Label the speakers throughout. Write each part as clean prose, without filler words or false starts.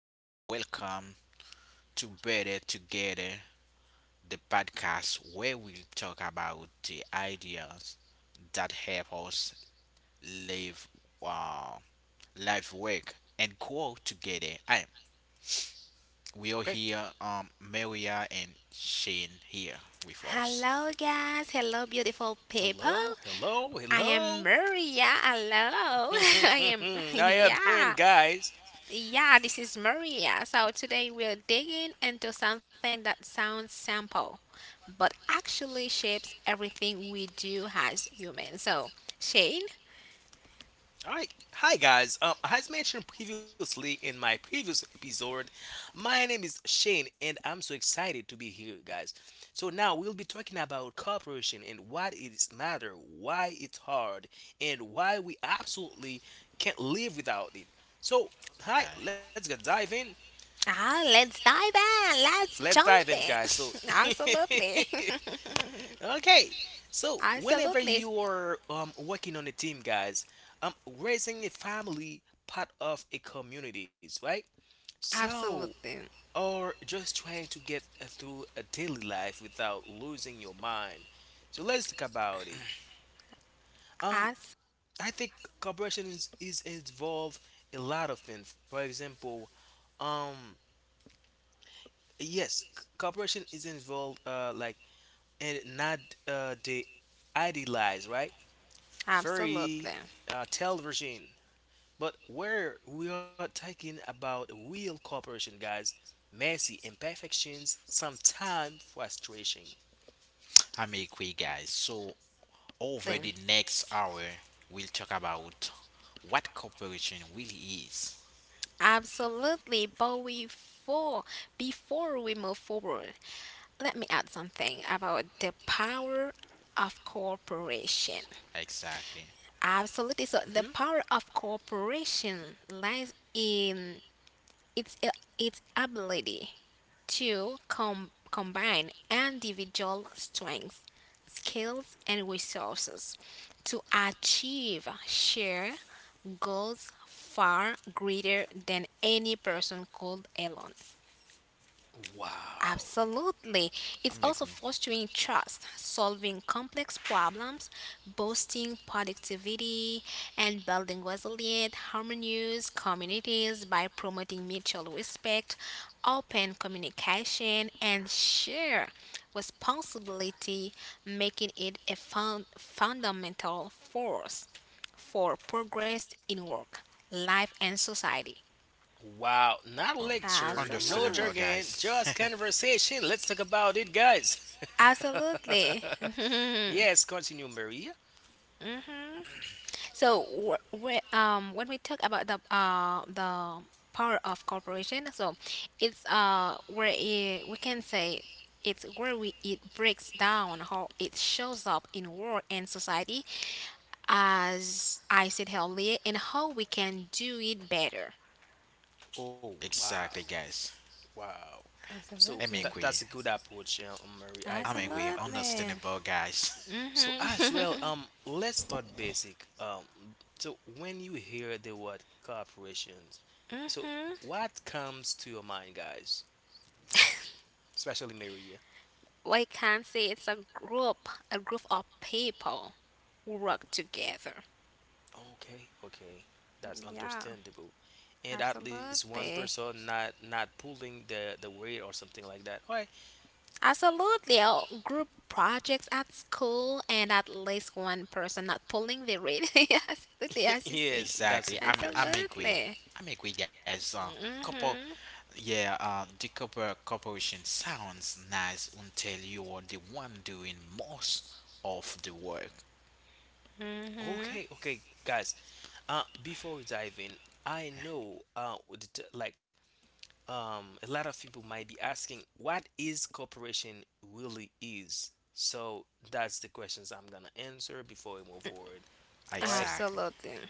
Speaker 1: and welcome to Better Together, the podcast where we'll talk about the ideas that help us live, uh, life, work and grow together. I We are
Speaker 2: Okay.
Speaker 1: here, Maria and Shane here with us.
Speaker 3: Hello, guys. Hello, beautiful people.
Speaker 2: Hello, hello,
Speaker 3: I am
Speaker 2: hello.
Speaker 3: Maria. Hello. I am,
Speaker 2: How you doing,
Speaker 3: yeah.
Speaker 2: guys?
Speaker 3: Yeah, this is Maria. So today we're digging into something that sounds simple, but actually shapes everything we do as humans. So, Shane,
Speaker 2: All right. Hi, guys. As mentioned previously in my previous episode, my name is Shane, and I'm so excited to be here, guys. So now we'll be talking about cooperation and what it is matter, why it's hard, and why we absolutely can't live without it. So, hi. Let's get dive in.
Speaker 3: let's dive in.
Speaker 2: Let's
Speaker 3: Let's
Speaker 2: dive in,
Speaker 3: jump
Speaker 2: guys. So.
Speaker 3: in. Absolutely.
Speaker 2: Okay. So whenever
Speaker 3: Absolutely.
Speaker 2: you're working on a team, guys, raising a family part of a communities, right? So
Speaker 3: Absolutely.
Speaker 2: or just trying to get through a daily life without losing your mind. So let's talk about it. Um,
Speaker 3: As
Speaker 2: I think cooperation is involved a lot of things. For example, um, yes, cooperation is involved like and not the idealize, right? Very
Speaker 3: absolutely.
Speaker 2: television. But where we are talking about real cooperation, guys, messy imperfections, sometime frustration.
Speaker 1: I'm Ikwe, guys. So over the next hour we'll talk about what cooperation really is.
Speaker 3: Absolutely, but before we move forward, let me add something about the power of cooperation.
Speaker 1: Exactly.
Speaker 3: Absolutely. So the
Speaker 2: hmm
Speaker 3: power of cooperation lies in its uh, its ability to combine individual strengths, skills, and resources to achieve shared goals far greater than any person could alone.
Speaker 2: Wow.
Speaker 3: Absolutely. It's
Speaker 1: I'm
Speaker 3: also
Speaker 1: Ikwe.
Speaker 3: fostering trust, solving complex problems, boosting productivity, and building resilient, harmonious communities by promoting mutual respect, open communication, and share responsibility, making it a fundamental force for progress in work, life, and society.
Speaker 2: Wow. Not a
Speaker 1: Oh,
Speaker 2: lecture, no
Speaker 3: Absolutely.
Speaker 1: understandable,
Speaker 2: jargon,
Speaker 1: guys.
Speaker 2: just conversation. Let's talk about it, guys.
Speaker 3: Absolutely.
Speaker 2: Yes, continue, Maria.
Speaker 3: So when we talk about the power of corporation, so it's where it, we can say it's where we it breaks down how it shows up in world and society, as I said earlier, and how we can do it better.
Speaker 2: Oh, wow.
Speaker 1: exactly, guys.
Speaker 2: Wow. So
Speaker 1: I'm
Speaker 3: Absolutely.
Speaker 2: that's
Speaker 1: agree.
Speaker 2: a good approach, yeah, Maria. I
Speaker 1: I'm
Speaker 2: do
Speaker 1: agree.
Speaker 3: Absolutely.
Speaker 1: Understandable, guys.
Speaker 2: so as well, let's start basic. So when you hear the word corporations, so
Speaker 3: Mm-hmm.
Speaker 2: what comes to your mind, guys? Especially Maria.
Speaker 3: We can say it's a group of people who work together.
Speaker 2: Okay, okay, that's
Speaker 3: Yeah,
Speaker 2: understandable. And at least one
Speaker 3: absolutely.
Speaker 2: person not pulling the weight or something like that. All right.
Speaker 3: Absolutely. Group projects at school and at least one person not pulling the read. Absolutely, as you say.
Speaker 2: Yes, that's a
Speaker 1: exactly.
Speaker 2: good
Speaker 1: I'm
Speaker 2: question.
Speaker 1: I'm agree.
Speaker 3: Absolutely.
Speaker 1: I'm agree, guys. Couple,
Speaker 3: Mhm.
Speaker 1: yeah. The couple corporation sounds nice until you are the one doing most of the work.
Speaker 3: Mhm.
Speaker 2: Okay, okay, guys. Before we dive in, I know the t- like a lot of people might be asking what is cooperation really is, so that's the questions I'm gonna answer before we move forward, all right.
Speaker 1: Exactly.
Speaker 3: Absolutely.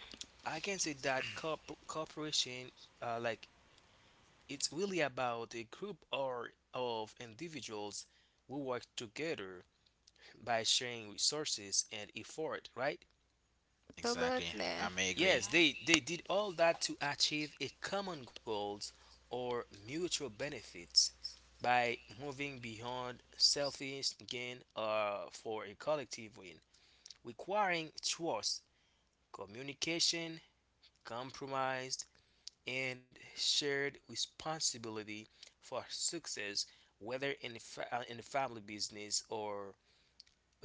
Speaker 2: I can say that cooperation, like, it's really about a group or of individuals who work together by sharing resources and effort, right?
Speaker 1: Exactly.
Speaker 3: Absolutely.
Speaker 1: I'm agree.
Speaker 2: Yes, they did all that to achieve a common goals or mutual benefits by moving beyond selfish gain for a collective win, requiring trust, communication, compromise, and shared responsibility for success, whether in the family business or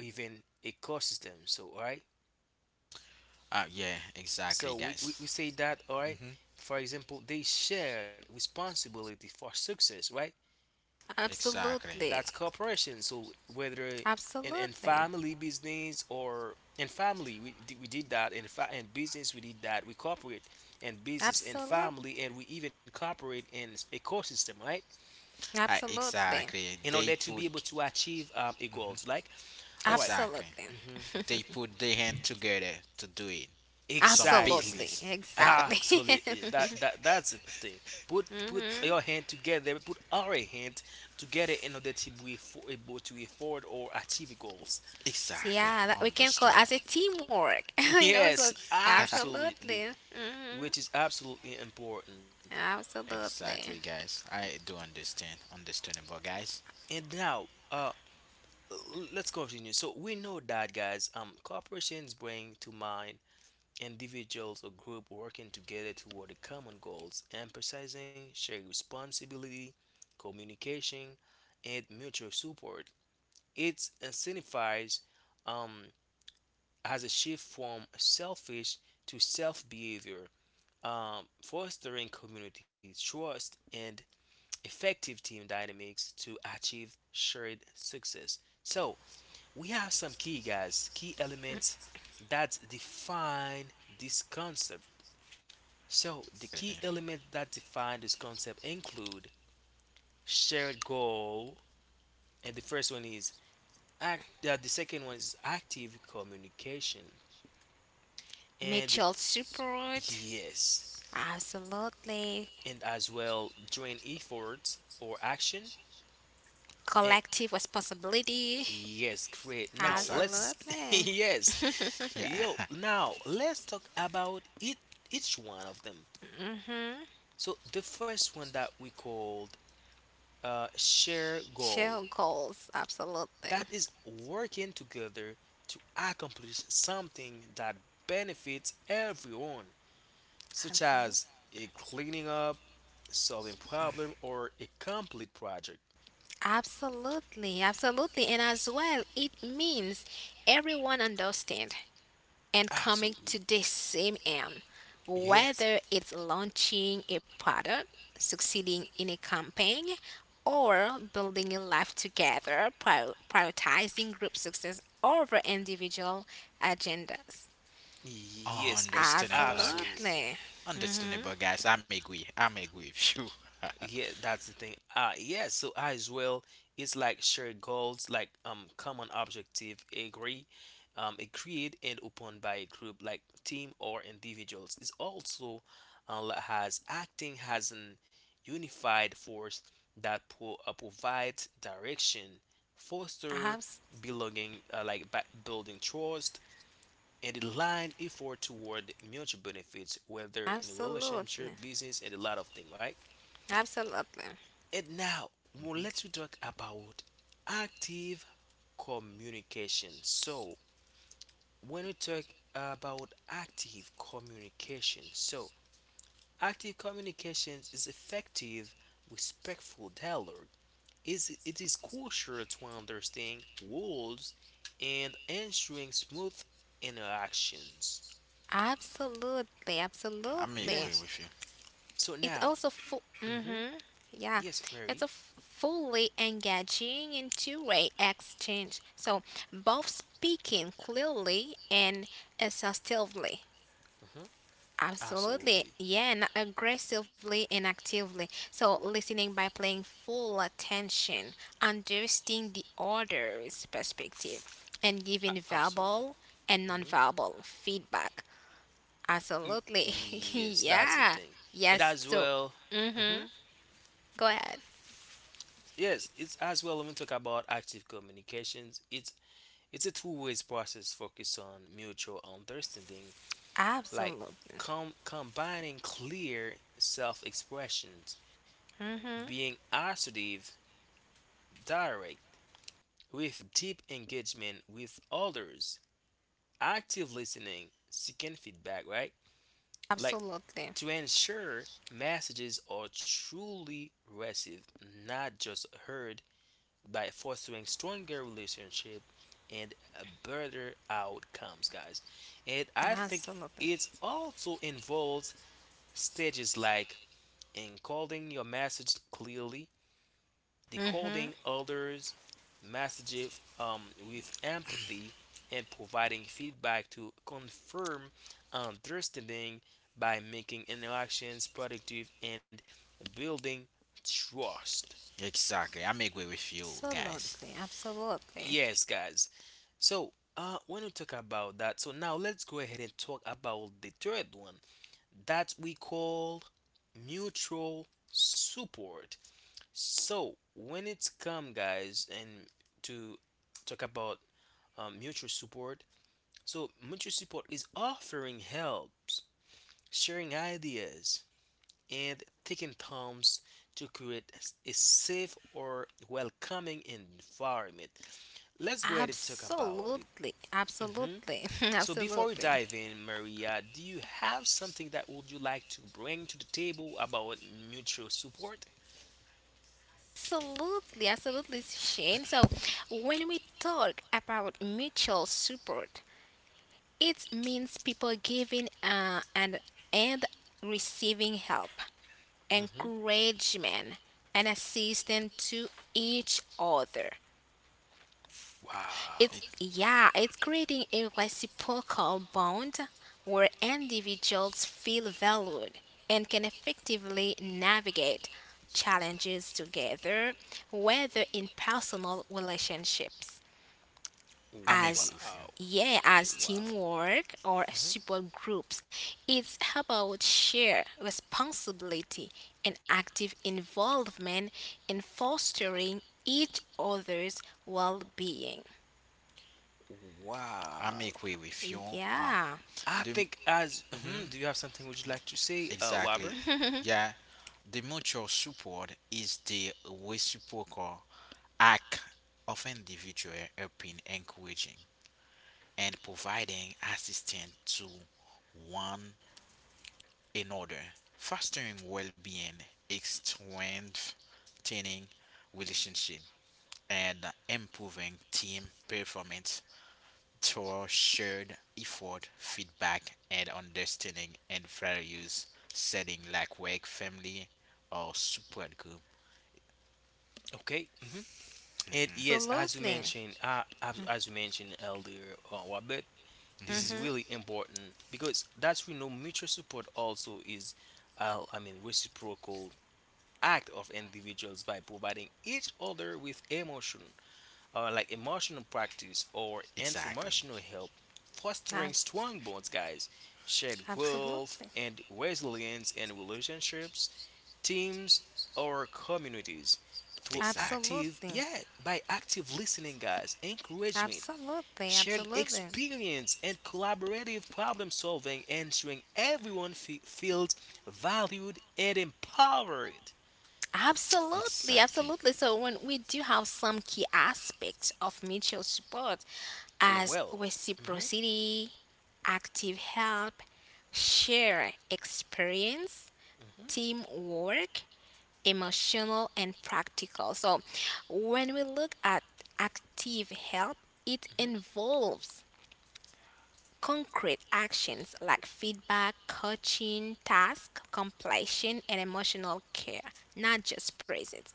Speaker 2: even ecosystem. So, right?
Speaker 1: Yeah. Exactly,
Speaker 2: So we, we,
Speaker 1: guys.
Speaker 2: we say that, all right?
Speaker 1: Mhm.
Speaker 2: For example, they shared responsibility for success, right?
Speaker 1: Exactly.
Speaker 3: Absolutely.
Speaker 2: That's corporation. So whether in
Speaker 3: Absolutely.
Speaker 2: family business or in family, we did that. In business, we did that. We cooperate in business, in family, and we even cooperate in ecosystem, right?
Speaker 3: Absolutely.
Speaker 1: Exactly.
Speaker 2: In
Speaker 1: They
Speaker 2: order to be able
Speaker 1: put
Speaker 2: to achieve a goals. Like, all right.
Speaker 3: Absolutely.
Speaker 1: Exactly.
Speaker 3: Absolutely.
Speaker 1: They put their hand together to do it. Some
Speaker 2: Exactly.
Speaker 3: Absolutely.
Speaker 1: business.
Speaker 2: Absolutely.
Speaker 3: Exactly.
Speaker 2: That's the thing. Put put your
Speaker 3: mhm.
Speaker 2: hand together. Put our hand together in order to be for, able to afford or achieve goals.
Speaker 3: So,
Speaker 1: Exactly.
Speaker 3: yeah, that we can call
Speaker 1: Understandable.
Speaker 3: as a teamwork. So
Speaker 2: Yes, absolutely.
Speaker 3: absolutely. Mhm.
Speaker 2: Which is absolutely important.
Speaker 1: exactly,
Speaker 3: Absolutely.
Speaker 1: guys. I do understand. Understandable, guys.
Speaker 2: And now, let's continue. So we know that, guys. Corporations bring to mind individuals or group working together toward the common goals, emphasizing shared responsibility, communication, and mutual support. It incentivizes um, as a shift from selfish to self behavior, fostering community trust and effective team dynamics to achieve shared success. So, we have some key guys, key elements that define this concept. So, the key elements that define this concept include shared goal, and the first one is act. The second one is active communication, and
Speaker 3: Mutual support.
Speaker 2: yes,
Speaker 3: Absolutely.
Speaker 2: and as well joint efforts or action. And
Speaker 3: Collective responsibility.
Speaker 2: yes, great. Now
Speaker 1: Exactly.
Speaker 2: let's
Speaker 3: Absolutely.
Speaker 2: yes,
Speaker 1: Yeah.
Speaker 2: yo. Now let's talk about it. Each one of them. So the first one that we called share goal.
Speaker 3: Share goals. Absolutely.
Speaker 2: That is working together to accomplish something that benefits everyone, such as
Speaker 3: Absolutely.
Speaker 2: a cleaning up, solving problem, or a complete project.
Speaker 3: Absolutely. Absolutely. And as well, it means everyone understand, and coming to
Speaker 2: Absolutely.
Speaker 3: the same aim,
Speaker 2: Yes.
Speaker 3: whether it's launching a product, succeeding in a campaign, or building a life together, prioritizing group success over individual agendas.
Speaker 2: Yes, it's
Speaker 1: Understandable, guys.
Speaker 2: absolute.
Speaker 3: Absolutely. Mm-hmm.
Speaker 1: Understandable, guys. I'm agree. I'm agree with you.
Speaker 2: Yeah, that's the thing. Ah, yeah, so I as well, it's like shared goals, like common objective, agree, agreed and upon by a group like team or individuals. It's also has acting has an unified force that provides direction, foster
Speaker 3: Abs-
Speaker 2: belonging, like building trust, and align effort toward mutual benefits, whether in
Speaker 3: absolutely.
Speaker 2: relationship, business, and a lot of things, right?
Speaker 3: Absolutely.
Speaker 2: And now, well,
Speaker 1: Mhm.
Speaker 2: let's we talk about active communication. So, when we talk about active communication, so active communications is effective, respectful dialogue. Is it is crucial to understand rules and ensuring smooth interactions.
Speaker 3: Absolutely.
Speaker 1: I'm
Speaker 3: Absolutely.
Speaker 1: agree
Speaker 2: Yes.
Speaker 1: with you.
Speaker 2: So
Speaker 3: It's also
Speaker 2: now,
Speaker 3: full. Mm-hmm.
Speaker 2: hmm
Speaker 3: Yeah,
Speaker 2: yes,
Speaker 3: it's a
Speaker 2: Mary.
Speaker 3: fully engaging in two-way exchange. So both speaking clearly and assertively.
Speaker 2: hmm
Speaker 3: Absolutely,
Speaker 2: Absolutely.
Speaker 3: yeah, and aggressively and actively. So listening by paying full attention, understanding the other's perspective, and giving
Speaker 2: Absolutely.
Speaker 3: verbal and
Speaker 2: hmm
Speaker 3: nonverbal feedback. Absolutely,
Speaker 2: Yes, that's the
Speaker 3: yeah,
Speaker 2: thing. It
Speaker 3: yes.
Speaker 2: as
Speaker 3: So,
Speaker 2: well,
Speaker 3: hmm,
Speaker 2: hmm
Speaker 3: go ahead.
Speaker 2: yes, it's as well when we talk about active communications, it's a two-way process focused on mutual understanding, like
Speaker 3: Absolutely.
Speaker 2: combining clear self-expressions,
Speaker 3: Mm-hmm.
Speaker 2: being assertive, direct, with deep engagement with others, active listening, seeking feedback, right? Like
Speaker 3: Absolutely.
Speaker 2: to ensure messages are truly received, not just heard, by fostering stronger relationship and better outcomes, guys. And I think
Speaker 3: Absolutely.
Speaker 2: it also involves stages like encoding your message clearly,
Speaker 3: Mm-hmm.
Speaker 2: decoding others' messages with empathy, and providing feedback to confirm understanding by making interactions productive and building trust.
Speaker 1: Exactly. I'm agree with you, guys.
Speaker 3: Absolutely. Absolutely.
Speaker 2: Yes, guys. So, when we talk about that, so now let's go ahead and talk about the third one that we call mutual support. So, when it's come, guys, and to talk about mutual support. So mutual support is offering helps, sharing ideas, and taking times to create a safe or welcoming environment. Let's go ahead and talk about it.
Speaker 3: Absolutely.
Speaker 2: hmm
Speaker 3: Absolutely. Absolutely.
Speaker 2: So before we
Speaker 3: Absolutely.
Speaker 2: dive in, Maria, do you have something that would you like to bring to the table about mutual support?
Speaker 3: Absolutely, Shane. So when we talk about mutual support, it means people giving and receiving help,
Speaker 2: hmm
Speaker 3: encouragement, and assistance to each other.
Speaker 2: Wow.
Speaker 3: It's
Speaker 1: It,
Speaker 3: yeah, it's creating a reciprocal bond where individuals feel valued and can effectively navigate challenges together, whether in personal relationships
Speaker 1: I'm agree
Speaker 3: as
Speaker 1: with you.
Speaker 2: Wow.
Speaker 3: yeah, as
Speaker 2: Wow.
Speaker 3: teamwork or
Speaker 2: Mhm.
Speaker 3: support groups. It's about share responsibility and active involvement in fostering each other's well-being.
Speaker 1: I'm
Speaker 2: Wow.
Speaker 1: agree with you.
Speaker 3: Yeah.
Speaker 2: I
Speaker 1: The
Speaker 2: think as
Speaker 1: Mhm,
Speaker 2: do you have something would you like to say, Robert?
Speaker 1: exactly, yeah. The mutual support is the reciprocal act of individual helping, encouraging, and providing assistance to one in order, fostering well being, strengthening relationship, and improving team performance through shared effort, feedback, and understanding and values setting like work, family, or support group.
Speaker 2: Okay. And yes, as you
Speaker 3: Absolutely.
Speaker 2: mentioned, as you mentioned earlier, Robert, this is
Speaker 3: Mm-hmm.
Speaker 1: Hmm.
Speaker 2: really important because that's we know mutual support also is, I mean, reciprocal act of individuals by providing each other with emotion, like emotional practice or
Speaker 1: Exactly,
Speaker 2: informational help, fostering
Speaker 3: Abs-
Speaker 2: strong bonds, guys, shared growth
Speaker 3: absolutely.
Speaker 2: and resilience in relationships, teams, or communities through
Speaker 1: exactly,
Speaker 2: active,
Speaker 3: Absolutely.
Speaker 2: yeah, by active listening, guys, encouragement,
Speaker 3: Absolutely.
Speaker 2: shared
Speaker 3: Absolutely.
Speaker 2: experience, and collaborative problem solving, ensuring everyone feels valued and empowered.
Speaker 3: Absolutely.
Speaker 1: exactly.
Speaker 3: Absolutely. So when we do have some key aspects of mutual support as
Speaker 2: Well, mhm,
Speaker 3: reciprocity, active help, share experience,
Speaker 2: mhm,
Speaker 3: teamwork, emotional and practical. So when we look at active help, it
Speaker 2: mhm.
Speaker 3: involves concrete actions like feedback, coaching, task completion, and emotional care, not just presence.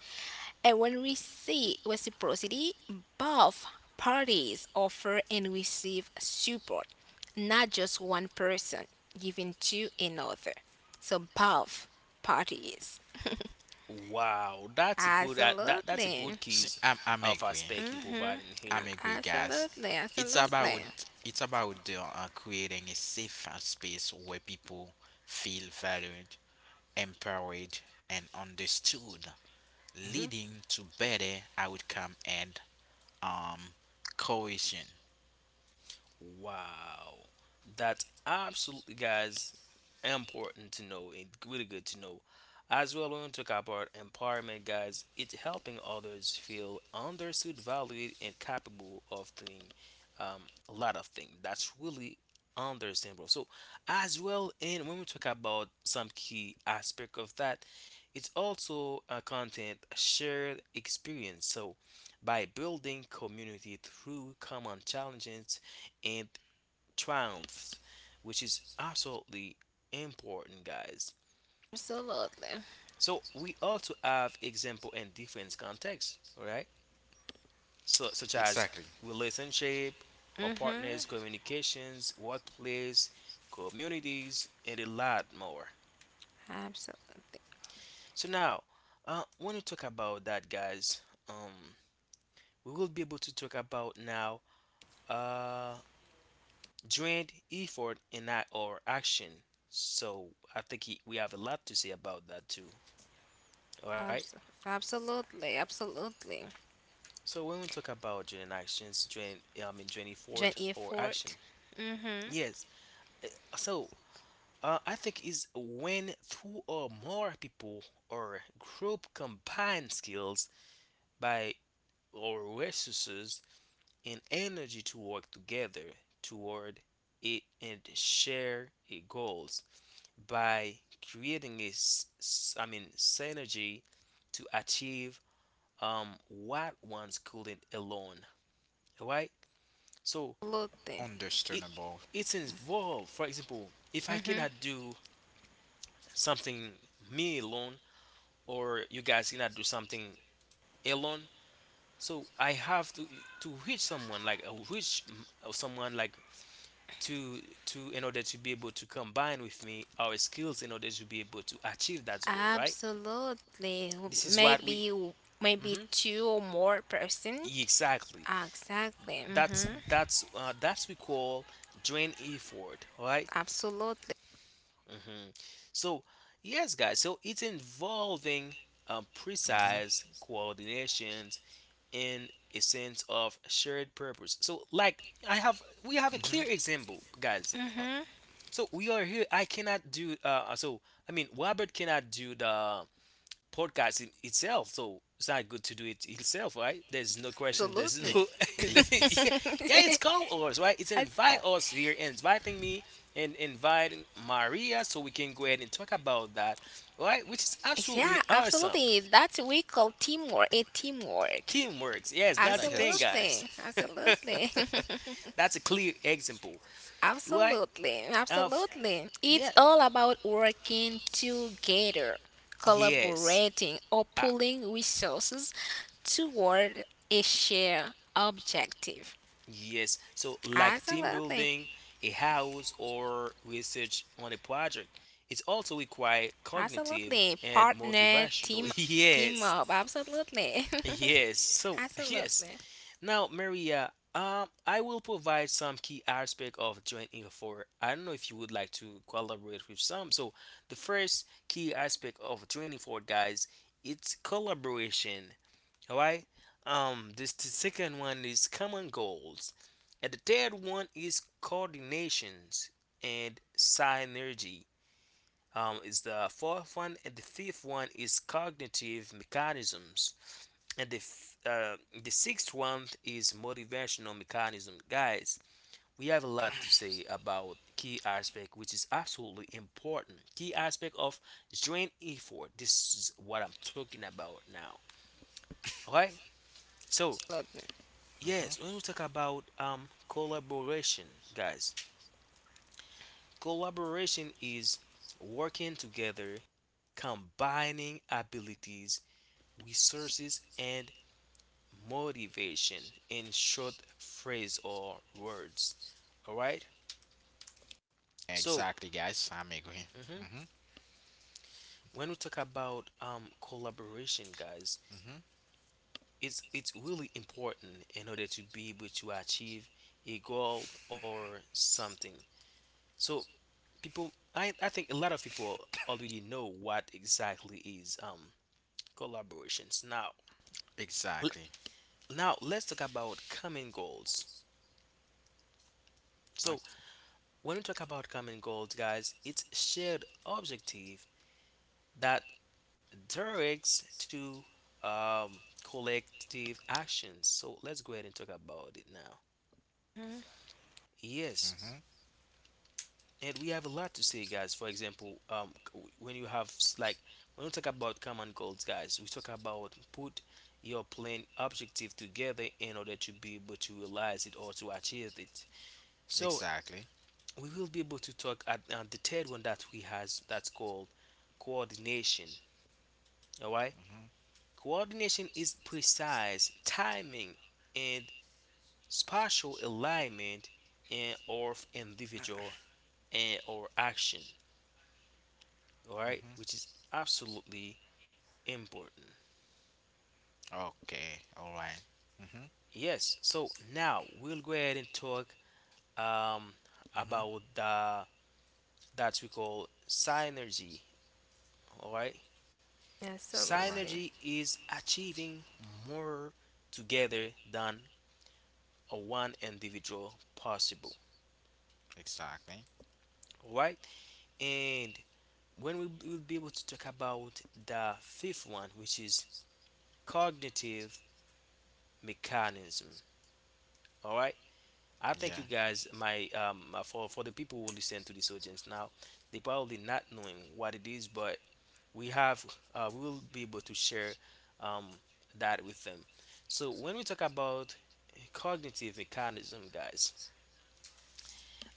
Speaker 3: And when we see reciprocity, both parties offer and receive support, not just one person giving to another. So both parties.
Speaker 2: Wow, that's a good that that's a
Speaker 3: Absolutely.
Speaker 2: good
Speaker 1: See,
Speaker 2: keys
Speaker 1: I'm
Speaker 2: of
Speaker 1: agree.
Speaker 2: aspect you
Speaker 3: Mhm.
Speaker 2: providing
Speaker 1: I'm
Speaker 2: here.
Speaker 1: agree, guys.
Speaker 3: Absolutely.
Speaker 1: It's
Speaker 3: Absolutely.
Speaker 1: about it's about creating a safe space where people feel valued, empowered, and understood,
Speaker 2: Mhm.
Speaker 1: leading to better outcome and um cohesion.
Speaker 2: Wow. That's absolutely, guys, important to know and really good to know. As well, we want to talk about empowerment, guys. It's helping others feel understood, valued, and capable of doing um, a lot of things. That's really understandable. So, as well, and when we talk about some key aspect of that, it's also a content shared experience. So, by building community through common challenges and triumphs, which is absolutely important, guys.
Speaker 3: Absolutely.
Speaker 2: So we also have example in different contexts, all right? So such as
Speaker 1: Exactly,
Speaker 2: relationship, our partners,
Speaker 3: Mhm.
Speaker 2: communications, workplace, communities, and a lot more.
Speaker 3: Absolutely.
Speaker 2: So now, when we talk about that, guys, um, we will be able to talk about now. Uh, joined effort in our action. So I think he, we have a lot to say about that too. All right.
Speaker 3: Abs- absolutely, absolutely.
Speaker 2: So when we talk about joint actions, joint I mean joint effort
Speaker 3: Joint
Speaker 2: or action.
Speaker 3: effort. Mm-hmm.
Speaker 2: Yes. So I think is when two or more people or group combine skills by or resources and energy to work together toward it and share a goals. By creating a I mean synergy to achieve what one's couldn't alone. Alright? So
Speaker 3: Absolutely.
Speaker 2: it
Speaker 1: understandable.
Speaker 2: it's involved. For example, if I
Speaker 3: Mm-hmm.
Speaker 2: cannot do something me alone or you guys cannot do something alone, so I have to reach someone like reach someone like to to in order to be able to combine with me our skills in order to be able to achieve that goal, right?
Speaker 3: Absolutely.
Speaker 2: This is what we
Speaker 3: Maybe maybe
Speaker 2: Mhm.
Speaker 3: two or more person.
Speaker 2: Exactly.
Speaker 3: Ah, exactly.
Speaker 2: That's
Speaker 3: Mm-hmm.
Speaker 2: that's uh, that's we call drain effort, right?
Speaker 3: Absolutely.
Speaker 2: hmm So yes, guys. So it's involving
Speaker 1: Mhm,
Speaker 2: precise coordinations and a sense of shared purpose. So like I have, we have a
Speaker 1: mhm.
Speaker 2: clear example, guys.
Speaker 3: Mm-hmm.
Speaker 2: So we are here. I cannot do. So I mean, Robert cannot do the podcast in itself. So it's not good to do it itself, right? There's no question. There's
Speaker 3: Absolutely.
Speaker 2: no.
Speaker 1: Ex- ex-
Speaker 2: Yeah,
Speaker 1: ex-
Speaker 2: it's called us, right? It's an
Speaker 3: I-
Speaker 2: invite us here, inviting me and inviting Maria, so we can go ahead and talk about that, right? Which is absolutely
Speaker 3: yeah,
Speaker 2: awesome.
Speaker 3: absolutely. That's we call teamwork. A teamwork.
Speaker 2: Teamwork. Yes, that's the
Speaker 1: like
Speaker 2: thing,
Speaker 1: that.
Speaker 2: guys.
Speaker 3: Absolutely. Absolutely.
Speaker 2: That's a clear example, right?
Speaker 3: Absolutely,
Speaker 2: Of
Speaker 3: absolutely.
Speaker 2: yeah,
Speaker 3: It's all about working together,
Speaker 2: yes.
Speaker 3: collaborating, or
Speaker 2: Ah,
Speaker 3: pooling resources toward a shared objective.
Speaker 2: yes. So, like team
Speaker 3: Absolutely,
Speaker 2: building, a house, or research on a project, it also requires cognitive
Speaker 3: absolutely.
Speaker 2: and
Speaker 3: Partner,
Speaker 2: motivational.
Speaker 3: team, team
Speaker 2: Yes.
Speaker 3: up. Absolutely,
Speaker 2: Yes. So, yes.
Speaker 3: absolutely.
Speaker 2: Now, Maria, I will provide some key aspect of joint effort. I don't know if you would like to collaborate with some. So, the first key aspect of joint effort, guys, it's collaboration. All right. This the second one is common goals, and the third one is coordinations and synergy. Is the fourth one, and the fifth one is cognitive mechanisms, and the sixth one is motivational mechanism. Guys, we have a lot to say about key aspect, which is absolutely important. Key aspect of joint effort. This is what I'm talking about now. Okay, so yes, when we talk about collaboration, guys, collaboration is working together, combining abilities, resources, and motivation in short phrase or words. All right. So
Speaker 1: Exactly, guys. I'm agree.
Speaker 2: mhm,
Speaker 1: Mhm,
Speaker 2: when we talk about collaboration, guys,
Speaker 1: mhm.
Speaker 2: it's really important in order to be able to achieve a goal or something. So people I think a lot of people already know what exactly is collaborations now. l-
Speaker 1: Exactly.
Speaker 2: Now let's talk about common goals. So
Speaker 1: Okay.
Speaker 2: when we talk about common goals, guys, it's shared objective that directs to um collective actions. So let's go ahead and talk about it now.
Speaker 3: Mhm.
Speaker 2: Yes,
Speaker 1: Mhm.
Speaker 2: and we have a lot to say, guys. For example, when you have like, when we talk about common goals, guys, we talk about put your plan objective together in order to be able to realize it or to achieve it. So
Speaker 1: Exactly.
Speaker 2: we will be able to talk at the third one that we has, that's called coordination. All right,
Speaker 1: Mhm,
Speaker 2: coordination is precise timing and spatial alignment and or individual and or action. All right, which
Speaker 1: mhm.
Speaker 2: is absolutely important.
Speaker 1: Okay. All right. Mm-hmm.
Speaker 2: Yes, so now we'll go ahead and talk um
Speaker 1: Mm-hmm.
Speaker 2: about the that we call synergy. All right,
Speaker 3: Absolutely.
Speaker 1: Right.
Speaker 2: synergy is achieving more together than a one individual possible.
Speaker 1: Exactly.
Speaker 2: All right, and when we will be able to talk about the fifth one, which is cognitive mechanism. All right, I think you
Speaker 1: Yeah.
Speaker 2: guys, my for the people who listen to this audience now, they probably not knowing what it is, but we have we will be able to share um, that with them. So when we talk about cognitive mechanism, guys,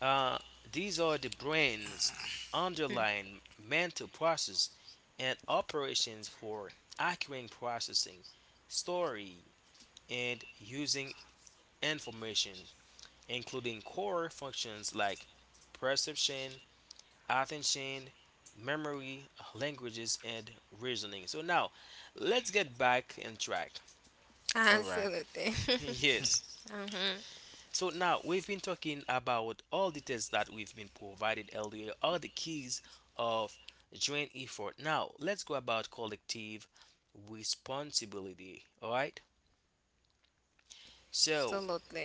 Speaker 2: uh, these are the brain's
Speaker 3: Mm.
Speaker 2: underlying mental process and operations for acquiring, processing, story, and using information, including core functions like perception, attention, memory, languages, and reasoning. So now, let's get back on track.
Speaker 1: All right.
Speaker 3: Absolutely.
Speaker 2: Yes.
Speaker 3: Mhm.
Speaker 2: So now we've been talking about all the tests that we've been provided earlier, all the keys of joint effort. Now let's go about collective responsibility. All right. So
Speaker 3: Absolutely.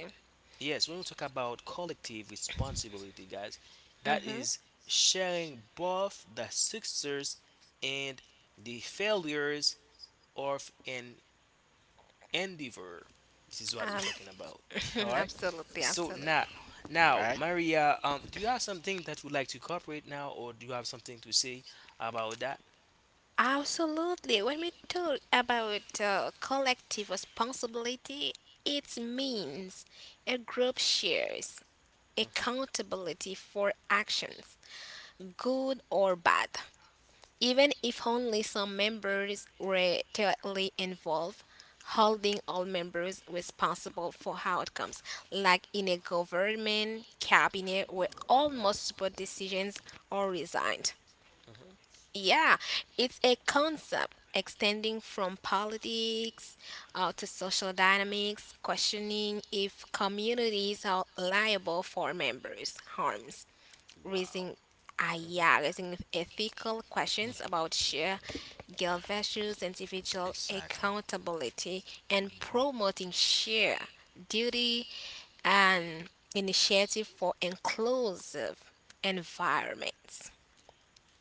Speaker 2: yes, when we talk about collective responsibility, guys, that
Speaker 3: Mhm.
Speaker 2: is sharing both the success and the failures of an endeavor. This is what we're
Speaker 3: Um,
Speaker 2: talking about. All right.
Speaker 3: absolutely.
Speaker 2: So
Speaker 3: Absolutely.
Speaker 2: now, now,
Speaker 1: Right.
Speaker 2: Maria, do you have something that you would like to cooperate now, or do you have something to say about that?
Speaker 3: Absolutely. When we talk about collective responsibility, it means a group shares
Speaker 2: Mhm.
Speaker 3: accountability for actions, good or bad. Even if only some members were directly involved, holding all members responsible for outcomes, like in a government cabinet where almost support decisions are resigned.
Speaker 2: Mhm.
Speaker 3: Yeah, it's a concept extending from politics to social dynamics, questioning if communities are liable for members' harms,
Speaker 2: Wow.
Speaker 3: raising, yeah, raising ethical questions about shared guilt values, individual
Speaker 1: Exactly.
Speaker 3: accountability, and promoting shared duty and initiative for inclusive environments.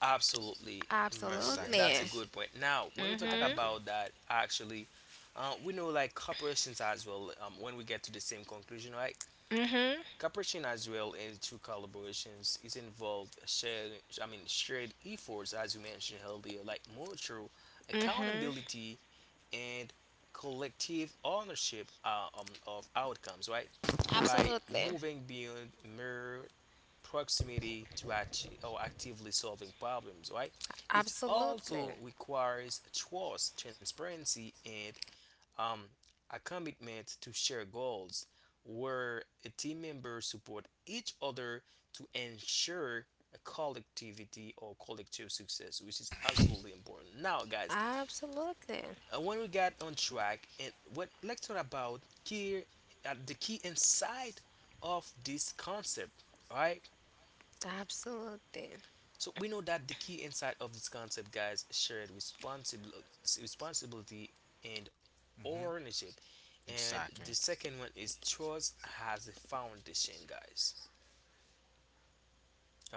Speaker 2: Absolutely, Maria.
Speaker 1: Exactly,
Speaker 2: That's a
Speaker 3: Absolutely.
Speaker 1: guys.
Speaker 2: good point. Now, when we
Speaker 1: I'm
Speaker 2: talk
Speaker 3: Mhm.
Speaker 1: agree.
Speaker 2: about that, actually, we know like corporations as well. When we get to the same conclusion, right? Cooperation as well in two collaborations is involved shared. I mean, shared efforts as you mentioned earlier, like mutual
Speaker 3: Mhm.
Speaker 2: accountability and collective ownership of outcomes, right? By
Speaker 3: Absolutely.
Speaker 2: moving beyond mere proximity to achieve or actively solving problems, right? It
Speaker 3: Absolutely.
Speaker 2: also requires trust, transparency, and um, a commitment to share goals where a team members support each other to ensure a collectivity or collective success, which is absolutely important. Now, guys,
Speaker 3: Absolutely.
Speaker 2: when we got on track and what, let's talk about key, the key inside of this concept. All right,
Speaker 3: Absolutely.
Speaker 2: so we know that the key inside of this concept, guys, shared responsibility, responsibility and
Speaker 1: Mm-hmm.
Speaker 2: ownership, and the
Speaker 1: Exactly.
Speaker 2: second one is trust has a foundation, guys.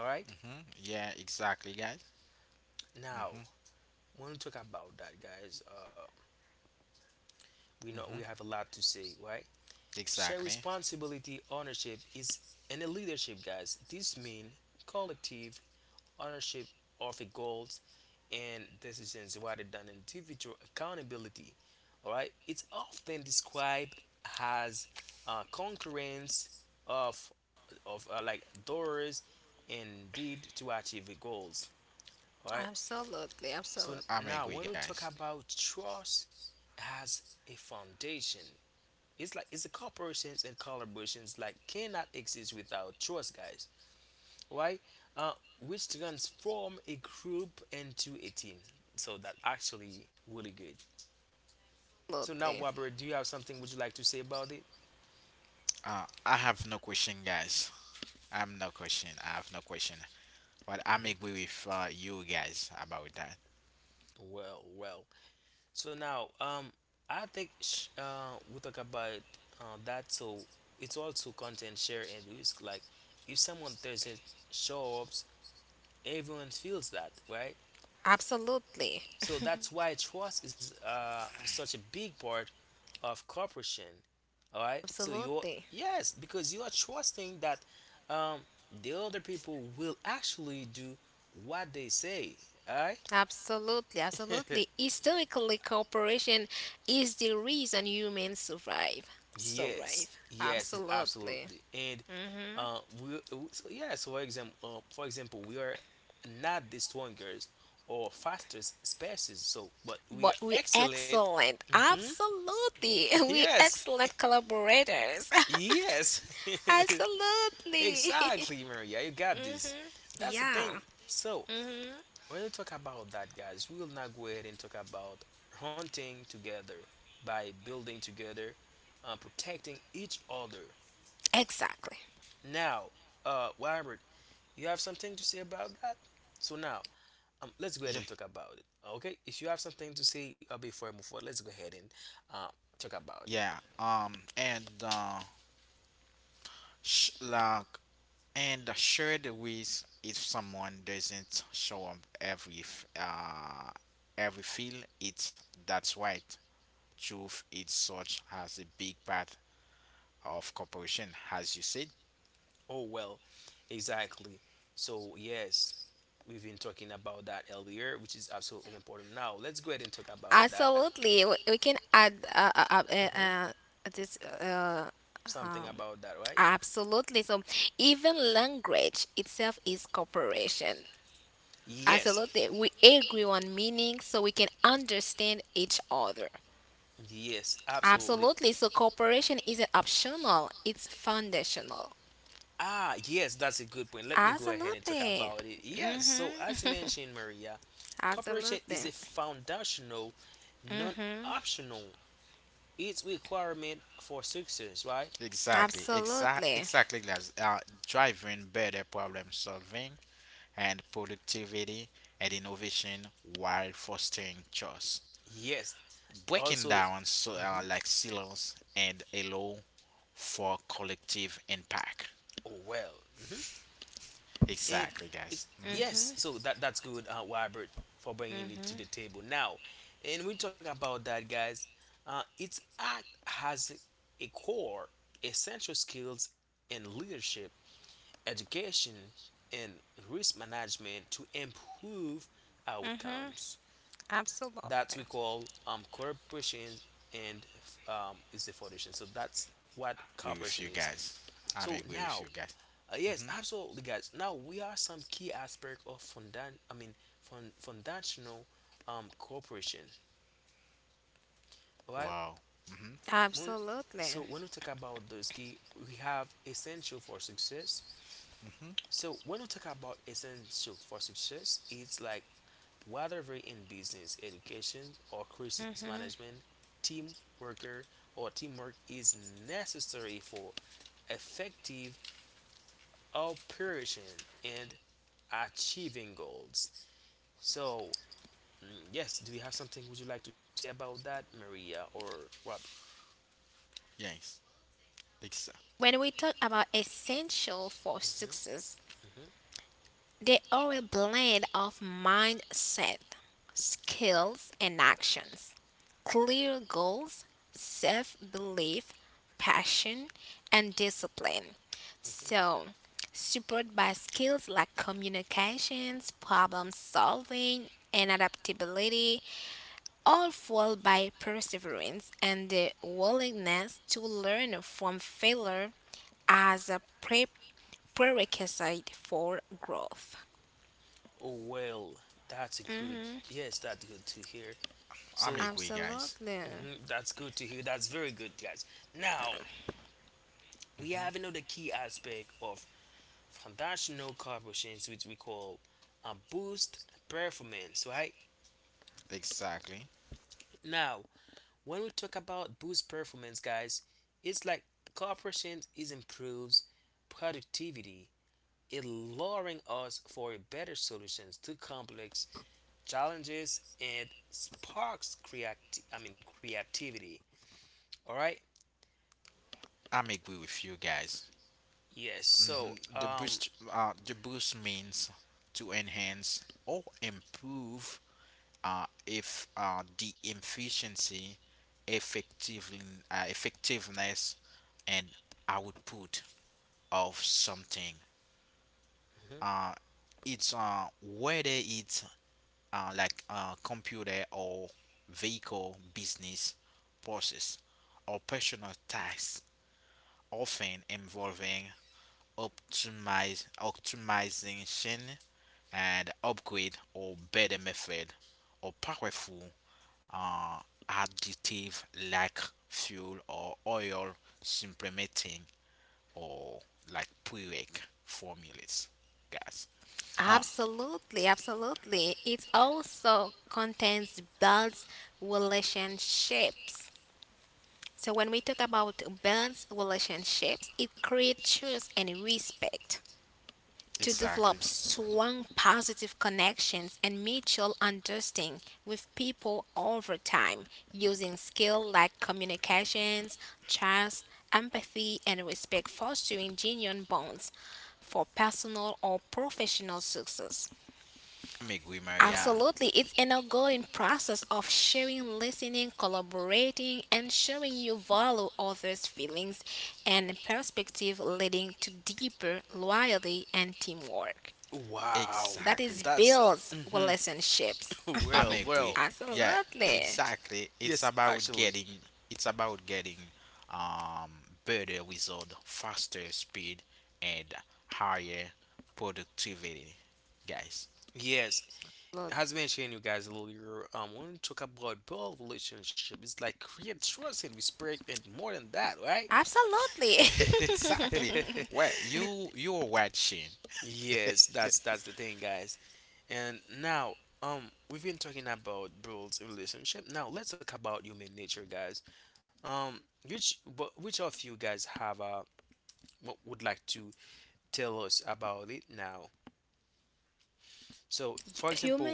Speaker 2: All right,
Speaker 1: Mm-hmm. Yeah. Exactly, guys.
Speaker 2: now
Speaker 1: Mm-hmm.
Speaker 2: when we talk about that, guys, we know we have a
Speaker 1: Mm-hmm.
Speaker 2: lot to say, right? Share
Speaker 1: Exactly.
Speaker 2: responsibility, ownership is and the leadership, guys. This means collective ownership of the goals and decisions rather than individual accountability. All right, it's often described as concurrence of like doors and deed to achieve the goals. All right.
Speaker 3: Absolutely.
Speaker 2: So
Speaker 3: Absolutely.
Speaker 1: I'm
Speaker 2: now,
Speaker 1: agree,
Speaker 2: when we talk
Speaker 1: guys.
Speaker 2: about trust as a foundation, it's like it's the corporations and collaborations like cannot exist without trust, guys. Why? uh, which transform a group into a team. So that actually really good. So now,
Speaker 3: Absolutely.
Speaker 2: Waber, do you have something would you like to say about it?
Speaker 1: I have no question, guys. I'm no question. I have no question. But I'm
Speaker 2: Hmm.
Speaker 1: agree with you guys about that.
Speaker 2: Well. So now, I think we talk about that. So it's also content share and risk, like if someone doesn't show up, everyone feels that, right?
Speaker 3: Absolutely.
Speaker 2: So that's why trust is such a big part of cooperation. All right. So you're
Speaker 3: Absolutely.
Speaker 2: yes, because you are trusting that um, the other people will actually do what they say. All right.
Speaker 3: Absolutely. Historically, cooperation is the reason humans survive. Survive.
Speaker 2: Yes. Yes. It's
Speaker 3: Absolutely.
Speaker 2: absolutely. And so yeah. So for example, we are not the strongest or fastest species. So, but we
Speaker 3: But
Speaker 2: are
Speaker 3: we
Speaker 2: excellent.
Speaker 3: excellent.
Speaker 2: Hmm.
Speaker 3: Absolutely. We
Speaker 2: Yes.
Speaker 3: excellent collaborators.
Speaker 2: Yes.
Speaker 3: Absolutely.
Speaker 2: Exactly, Maria. You got this. That's the
Speaker 3: Yeah.
Speaker 2: thing. So, when you talk about that, guys, we will now go ahead and talk about hunting together by building together, protecting each other.
Speaker 3: Exactly.
Speaker 2: Now, Robert, you have something to say about that? So now, let's go
Speaker 1: Yeah.
Speaker 2: ahead and talk about it. Okay, if you have something to say before I move forward, let's go ahead and uh, talk about it.
Speaker 1: Yeah. And like and shared with, if someone doesn't show up every feel it, that's right. Truth is such as a big part of cooperation as you said.
Speaker 2: Oh, well, exactly. So, yes, we've been talking about that earlier, which is absolutely important. Now, let's go ahead and talk about that.
Speaker 3: Absolutely. We we can add uh, uh, uh, eh,
Speaker 2: Hmm.
Speaker 3: uh, this.
Speaker 2: Something
Speaker 3: Um,
Speaker 2: about that, right?
Speaker 3: absolutely. So even language itself is cooperation.
Speaker 2: Yes,
Speaker 3: Absolutely. We agree on meaning so we can understand each other.
Speaker 2: yes, absolutely.
Speaker 3: Absolutely. So cooperation isn't optional, it's foundational.
Speaker 2: Ah, yes, that's a good point. Let me go ahead and talk
Speaker 3: Absolutely.
Speaker 2: about it. Yes, so as you
Speaker 3: Mm-hmm.
Speaker 2: mentioned, Maria, cooperation
Speaker 3: Absolutely.
Speaker 2: is a foundational, non optional. It's requirement for success, right?
Speaker 1: Exactly,
Speaker 3: Absolutely.
Speaker 1: exactly, guys. Driving better problem solving and productivity and innovation while fostering trust,
Speaker 2: Yes.
Speaker 1: breaking
Speaker 2: Also,
Speaker 1: down, so,
Speaker 2: mhm.
Speaker 1: like silos, and allow for collective impact.
Speaker 2: Oh well. Hmm. And
Speaker 1: Exactly, guys.
Speaker 2: it's
Speaker 1: Hmm.
Speaker 3: Mm-hmm.
Speaker 2: yes. So that that's good, Robert, for bringing it to
Speaker 3: Mm-hmm.
Speaker 2: the table. Now, and we talk about that, guys. Its act has a core essential skills in leadership, education, and risk management to improve
Speaker 3: Mm-hmm.
Speaker 2: outcomes. That
Speaker 3: Absolutely.
Speaker 2: we call corporations and is the foundation. So that's what
Speaker 1: Agree with
Speaker 2: corporation
Speaker 1: you,
Speaker 2: is.
Speaker 1: guys. I'm
Speaker 2: So
Speaker 1: agree with
Speaker 2: now,
Speaker 1: you, guys.
Speaker 2: yes,
Speaker 1: Hmm.
Speaker 2: absolutely, guys. Now we are some key aspect of fundan. I mean, fund foundational corporation. All right.
Speaker 1: Wow. Hmm.
Speaker 2: When, so
Speaker 3: Absolutely.
Speaker 2: when we talk about those key, we have essential for success.
Speaker 1: Hmm.
Speaker 2: So when we talk about essential for success, it's like whether in business, education, or crisis
Speaker 3: Hmm
Speaker 2: management, team worker or teamwork is necessary for effective operation and achieving goals. So, mm, yes, do you have something would you like to say about that, Maria or Robert?
Speaker 1: Yes. Ex-
Speaker 3: When we talk about essential for
Speaker 2: Hmm.
Speaker 3: success,
Speaker 2: Hmm.
Speaker 3: they are a blend of mindset, skills, and actions, clear goals, self belief, passion, and discipline.
Speaker 2: Hmm.
Speaker 3: So, supported by skills like communications, problem solving, and adaptability, all fueled by perseverance and the willingness to learn from failure as a prerequisite for growth.
Speaker 2: Oh, well, that's a good,
Speaker 3: Hmm
Speaker 2: yes, that's good to hear.
Speaker 1: I'm
Speaker 2: So,
Speaker 1: agree, guys.
Speaker 3: Absolutely.
Speaker 2: mhm, that's good to hear. That's very good, guys. Now, we have
Speaker 1: Hmm.
Speaker 2: another key aspect of foundational corporations which we call boost performance, right?
Speaker 1: Exactly.
Speaker 2: Now when we talk about boost performance, guys, it's like corporations is improves productivity, it lowering us for better solutions to complex challenges and sparks creativity. All right.
Speaker 1: I'm agree with you, guys.
Speaker 2: Yes, so
Speaker 1: Hmm. The boost, uh, the boost means to enhance or improve, if the efficiency, effectively, effectiveness, and output of something.
Speaker 2: mhm.
Speaker 1: Uh, it's whether it's like computer or vehicle business process or personal tasks, often involving optimize optimization and upgrade or better method or powerful uh additive like fuel or oil, supplementing or like prereq formulas, guys. uh
Speaker 3: Absolutely, absolutely. It also contains builds relationships. So when we talk about builds relationships, it creates trust and respect, to
Speaker 1: exactly.
Speaker 3: develop strong positive connections and mutual understanding with people over time using skills like communications, trust, empathy, and respect, fostering genuine bonds for personal or professional success.
Speaker 1: I'm agree, Maria.
Speaker 3: Absolutely, it's an ongoing process of sharing, listening, collaborating, and showing you value others' feelings and perspective, leading to deeper loyalty and teamwork.
Speaker 2: Wow.
Speaker 3: That is
Speaker 1: Exactly.
Speaker 2: That's
Speaker 3: builds
Speaker 2: mhm.
Speaker 3: relationships.
Speaker 1: I'm
Speaker 2: well well
Speaker 1: agree. Yeah,
Speaker 3: Absolutely.
Speaker 1: exactly.
Speaker 2: Yes, actually,
Speaker 1: It's about getting um better result, faster speed and higher productivity, guys.
Speaker 2: yes.
Speaker 3: Lut-
Speaker 2: As mentioned, you guys earlier, when we talk about build relationship, it's like create trust and respect, and more than that, right?
Speaker 3: Absolutely.
Speaker 1: exactly. Where you're watching.
Speaker 2: Yes, that's the thing, guys. And now, we've been talking about builds relationship. Now let's talk about human nature, guys. Um, which but which of you guys have what would like to tell us about it now? So, for
Speaker 3: Human.
Speaker 2: example,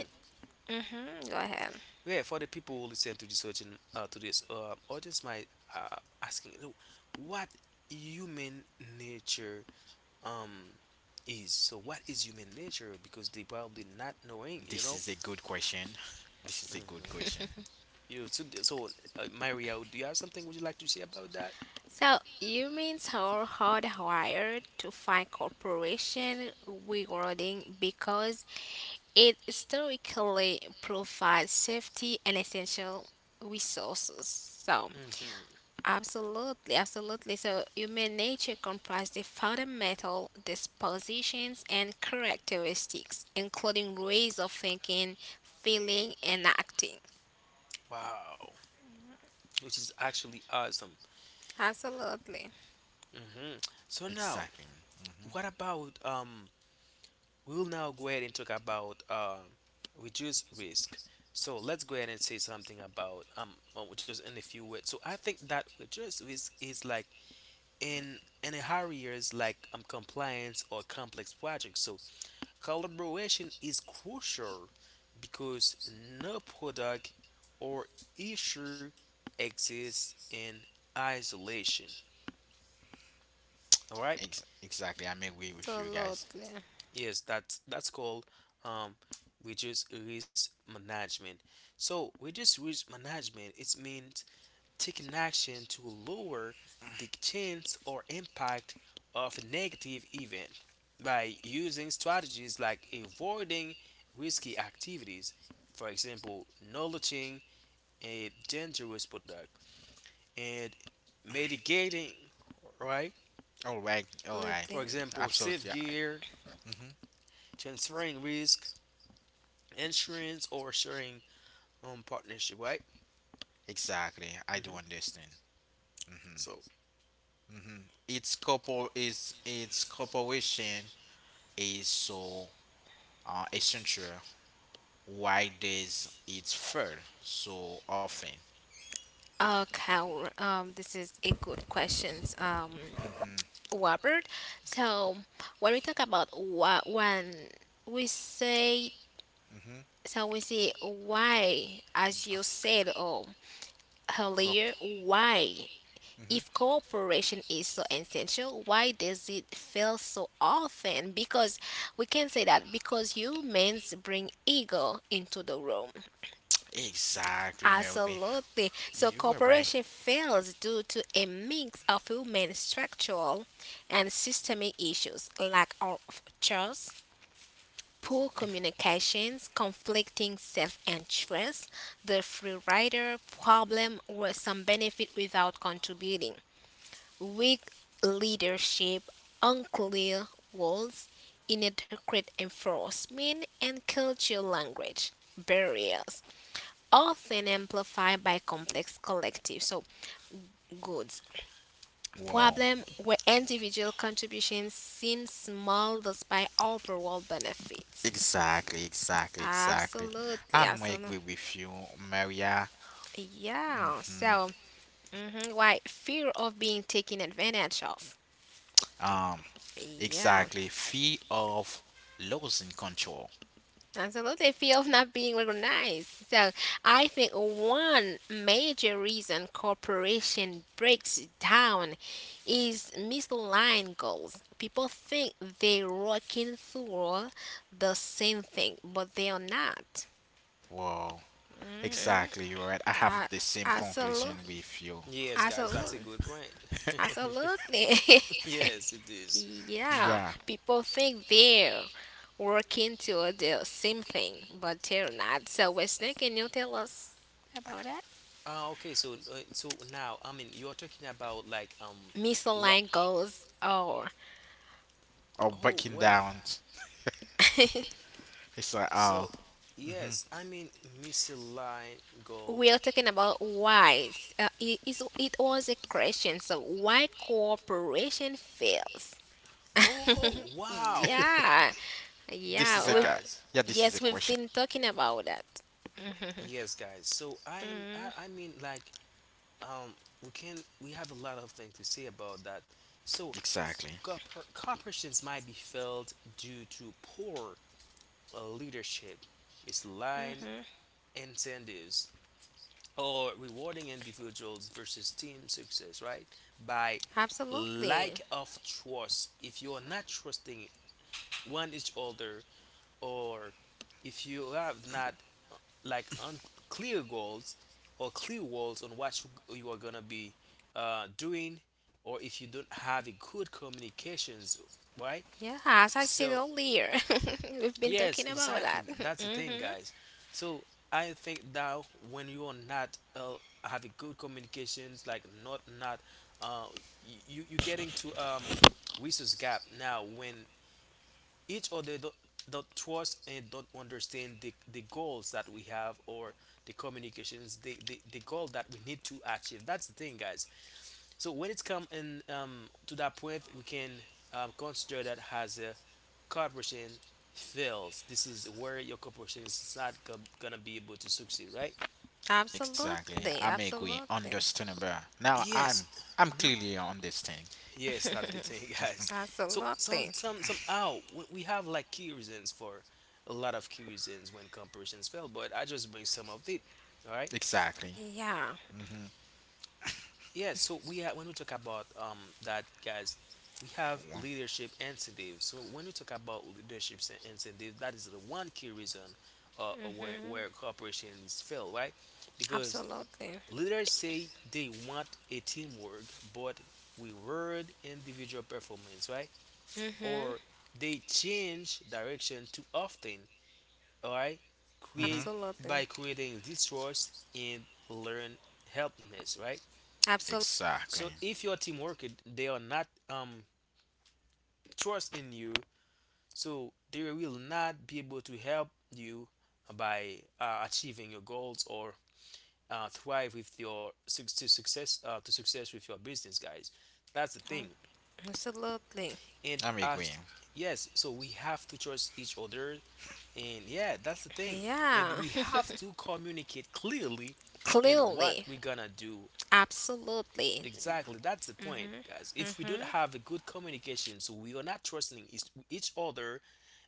Speaker 3: Hmm Go ahead.
Speaker 2: yeah, for the people who listen to this audience, might asking "Look, what human nature um is. So what is human nature? Because they probably not knowing, you
Speaker 1: This
Speaker 2: know.
Speaker 1: is a good question. This is a good
Speaker 2: Mhm.
Speaker 1: question.
Speaker 2: You so, so Maria, do you have something would you like to say about that?
Speaker 3: So humans are hardwired to find cooperation rewarding because it historically provides safety and essential resources. So
Speaker 2: Hmm.
Speaker 3: absolutely, absolutely. So human nature comprises the fundamental dispositions and characteristics, including ways of thinking, feeling, and acting.
Speaker 2: Wow, which is actually awesome.
Speaker 3: Absolutely,
Speaker 2: Hmm. So now,
Speaker 1: Exactly. Hmm.
Speaker 2: what about we'll now go ahead and talk about reduce risk. So let's go ahead and say something about just in a few words. So I think that reduce risk is like in a hurry is like compliance or complex projects. So collaboration is crucial because no product or issue exists in isolation. All right.
Speaker 1: Exactly. I'm agree with you, guys.
Speaker 3: absolutely,
Speaker 2: Yes, that's called um reduce risk management. So reduce risk management it means taking action to lower the chance or impact of a negative event by using strategies like avoiding risky activities, for example, knowledging a dangerous product and mitigating, right?
Speaker 1: All right. All right.
Speaker 2: For
Speaker 3: absolutely.
Speaker 2: example, safe
Speaker 1: Absolutely. Yeah.
Speaker 2: gear,
Speaker 1: Mm-hmm.
Speaker 2: transferring risk insurance or sharing partnership, right?
Speaker 1: Exactly, I do
Speaker 2: Hmm.
Speaker 1: understand. Hmm.
Speaker 2: So
Speaker 1: Hmm. Its corporation is so essential. Why does it fail so often?
Speaker 3: Okay, this is a good question,
Speaker 1: Hmm.
Speaker 3: Robert. So when we talk about what when we say
Speaker 1: Hmm.
Speaker 3: so we say why, as you said, oh
Speaker 1: Corp-
Speaker 3: earlier, why? If
Speaker 1: hmm.
Speaker 3: cooperation is so essential, why does it fail so often? Because we can say that because humans bring ego into the room.
Speaker 1: Exactly, Mary.
Speaker 3: Absolutely. So
Speaker 1: You were right.
Speaker 3: cooperation fails due to a mix of human structural and systemic issues, lack of trust, poor
Speaker 1: Ex-
Speaker 3: communications, conflicting self-interest, the free rider problem, where some benefit without contributing. Weak leadership, unclear roles, inadequate enforcement, and cultural language barriers, often amplified by complex collective so goods
Speaker 1: Wow.
Speaker 3: problem where individual contributions seem small despite overall benefits.
Speaker 1: Exactly, exactly, exactly.
Speaker 3: Absolutely,
Speaker 1: I'm
Speaker 3: awesome.
Speaker 1: agree with you, Maria.
Speaker 3: Yeah.
Speaker 1: Hmm.
Speaker 3: So, mhm, why fear of being taken advantage of?
Speaker 1: Um,
Speaker 3: Yeah.
Speaker 1: exactly. Fear of losing control.
Speaker 3: Absolutely, fear of not being recognized. So, I think one major reason corporation breaks down is misaligned goals. People think they're working through the same thing, but they are not.
Speaker 1: Wow. Exactly, you're right. I have
Speaker 3: Uh,
Speaker 1: the same
Speaker 3: absolutely,
Speaker 1: conclusion with you.
Speaker 2: yes, guys, that's a
Speaker 3: absolutely,
Speaker 2: good point.
Speaker 3: absolutely.
Speaker 2: Yes, it is.
Speaker 3: Yeah,
Speaker 1: Yeah,
Speaker 3: people think they're working to the same thing, but they're not. So, Wesley, can you tell us about that?
Speaker 2: Ah, okay. So so now, I mean, you're talking about like
Speaker 3: Mr.
Speaker 2: what?
Speaker 3: Lang goes, oh,
Speaker 1: or
Speaker 2: Oh
Speaker 1: breaking
Speaker 2: well.
Speaker 1: down. It's like, oh,
Speaker 2: So
Speaker 1: hmm
Speaker 2: yes, I mean misaligned goal.
Speaker 3: we are talking about whys. It was a question, so why cooperation fails?
Speaker 2: Oh wow,
Speaker 3: Yeah,
Speaker 1: this is
Speaker 3: yeah.
Speaker 1: a guy.
Speaker 2: guys.
Speaker 1: Yeah, this is a
Speaker 3: Yes, we've
Speaker 1: question.
Speaker 3: been talking about that.
Speaker 2: Yes, guys. So I mean like um we can we have a lot of things to say about that. So
Speaker 1: Exactly,
Speaker 2: Corporations might be failed due to poor leadership, misaligned incentives, or rewarding individuals versus team success, right? By
Speaker 3: Absolutely.
Speaker 2: lack of trust. If you are not trusting one each other, or if you have not like unclear goals or clear goals on what you are gonna be doing, or if you don't have a good communications, right?
Speaker 3: Yeah, as I said
Speaker 2: So
Speaker 3: earlier, we've been
Speaker 2: yes,
Speaker 3: talking about that.
Speaker 2: exactly. That's the thing,
Speaker 3: hmm
Speaker 2: guys. So I think that when you are not having good communications, like not not uh, y- you getting to resource gap now when each other don't trust and don't understand the goals that we have, or the communications, the goal that we need to achieve. That's the thing, guys. So when it's come in to that point, we can consider that as a corporation fails. This is where your corporation is not go- gonna be able to succeed, right?
Speaker 1: exactly.
Speaker 3: Absolutely,
Speaker 1: I'm agree.
Speaker 3: absolutely,
Speaker 1: Understandable. Now
Speaker 2: Yes,
Speaker 1: I'm, I'm clearly understanding.
Speaker 2: yes, that's the thing, guys. So
Speaker 3: absolutely.
Speaker 2: somehow we have like key reasons for a lot of key reasons when corporations fail, but I just bring some of it. All right.
Speaker 1: Exactly.
Speaker 3: Yeah,
Speaker 1: Mm-hmm.
Speaker 2: Yeah, so we have, when we talk about that, guys, we have leadership incentives. So when we talk about incentives, that is the one key reason where
Speaker 3: hmm
Speaker 2: cooperation is failed, right? Because
Speaker 3: absolutely.
Speaker 2: leaders say they want a teamwork, but we reward individual performance, right?
Speaker 3: Hmm
Speaker 2: Or they change direction too often, all right? Create
Speaker 1: Mm-hmm.
Speaker 3: Absolutely.
Speaker 2: by creating distrust and learn helpness, right?
Speaker 3: Absolutely.
Speaker 1: Exactly.
Speaker 2: So if your team worker, they are not trust in you, so they will not be able to help you by achieving your goals, or thrive with your suc- to success with your business, guys. That's the thing.
Speaker 3: Absolutely.
Speaker 2: And
Speaker 1: I'm agreeing.
Speaker 2: as yes, so we have to trust each other, and yeah, that's the thing. And
Speaker 3: Yeah.
Speaker 2: we have to communicate clearly in what
Speaker 3: Clearly.
Speaker 2: we're gonna do.
Speaker 3: Absolutely.
Speaker 2: Exactly, that's the point, guys. If we don't
Speaker 3: Hmm
Speaker 2: have a good communication, so we are not trusting each other,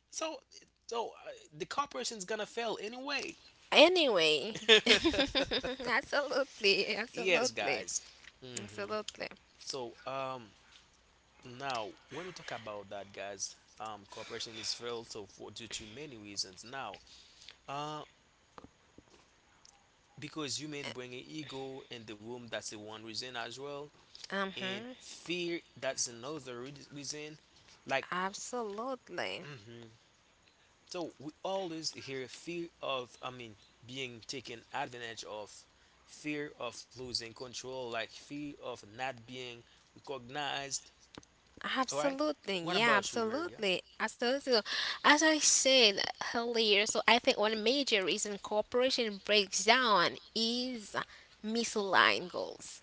Speaker 2: so so uh, the corporation's gonna fail anyway.
Speaker 3: Anyway. absolutely.
Speaker 2: Yes,
Speaker 3: Absolutely.
Speaker 2: guys. Hmm
Speaker 3: Absolutely.
Speaker 2: So now when we talk about that, guys, corporation is failed so for due to many reasons. Now, uh, because human bring an ego in the room, that's the one reason as well, and
Speaker 3: Hmm
Speaker 2: fear, that's reason. Like.
Speaker 3: Absolutely.
Speaker 2: Mhm. So we always hear fear of, I mean, being taken advantage of, fear of losing control, like fear of not being recognized. All right.
Speaker 3: Absolutely.
Speaker 2: What
Speaker 3: Yeah,
Speaker 2: about you, Maria?
Speaker 3: absolutely. Absolutely. So, as I said earlier, so I think one major reason cooperation breaks down is misaligned goals,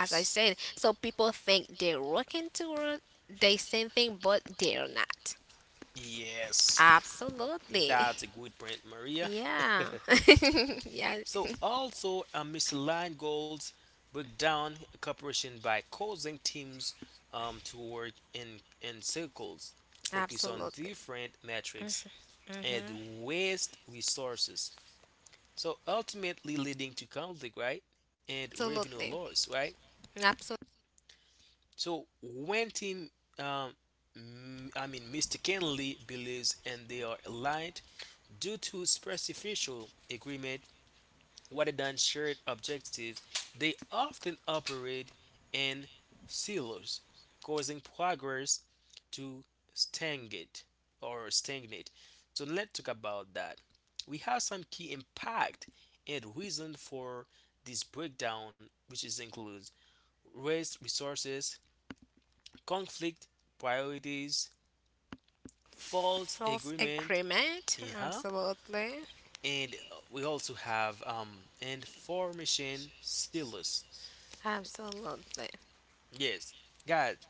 Speaker 3: as I said. So people think they're working toward the same thing, but they're not.
Speaker 2: Yes.
Speaker 3: Absolutely.
Speaker 2: That's a good point, Maria.
Speaker 3: Yeah. yeah.
Speaker 2: So also, misaligned goals break down cooperation by causing teams to work in circles, focus on
Speaker 3: Absolutely.
Speaker 2: different metrics, and waste resources. So ultimately leading to conflict, right? And revenue
Speaker 3: Absolutely.
Speaker 2: loss, right?
Speaker 3: Absolutely.
Speaker 2: So when team, um, I mean, Mr. Kenley believes and they are aligned due to superficial agreement rather than shared objectives, they often operate in silos, causing progress to stagnate or stagnate. So let's talk about that. We have some key impact and reason for this breakdown, which is includes waste resources, conflict priorities, false
Speaker 3: False
Speaker 2: agreement,
Speaker 3: agreement.
Speaker 2: uh-huh,
Speaker 3: Absolutely. Absolutely.
Speaker 2: and we also have information silos. Yes, guys,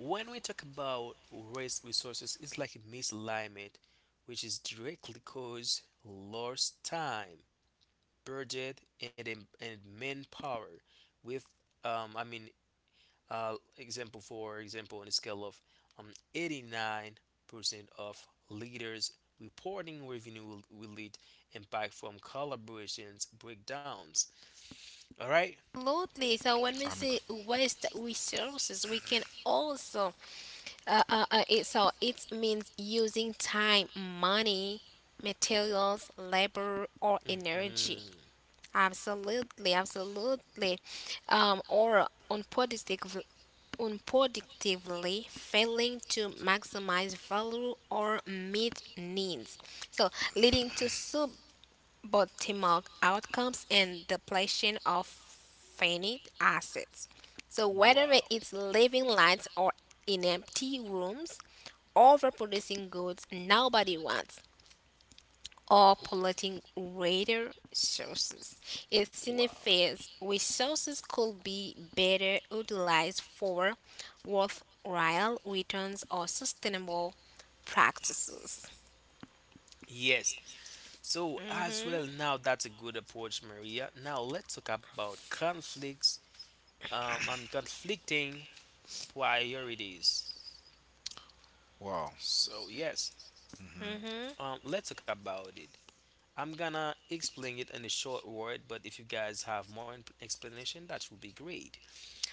Speaker 2: when we talk about waste resources, it's like a misalignment, which is directly cause lost time, budget, and manpower. With I mean, example for example, on a scale of um, 89% of leaders reporting revenue will lead impact from collaborations breakdowns. All right?
Speaker 3: Absolutely. So when we
Speaker 1: I'm agreeing.
Speaker 3: say waste resources, we can also so it means using time, money, materials, labor, or
Speaker 2: Mhm.
Speaker 3: energy. Absolutely, absolutely. Um, or unproductive, unproductively failing to maximize value or meet needs. So, leading to suboptimal outcomes and depletion of finite assets. So, whether
Speaker 2: Wow.
Speaker 3: it's living lights or in empty rooms, overproducing goods nobody wants or polluting water sources. It
Speaker 2: Wow.
Speaker 3: signifies resources could be better utilized for worthwhile returns or sustainable practices.
Speaker 2: Yes. So as
Speaker 3: Hmm
Speaker 2: well, now that's a good approach, Maria. Now let's talk about conflicts. Conflicting priorities.
Speaker 1: Wow.
Speaker 2: So yes,
Speaker 1: Mm-hmm.
Speaker 3: hmm
Speaker 2: let's talk about it. I'm gonna explain it in a short word, but if you guys have more explanation, that would be great.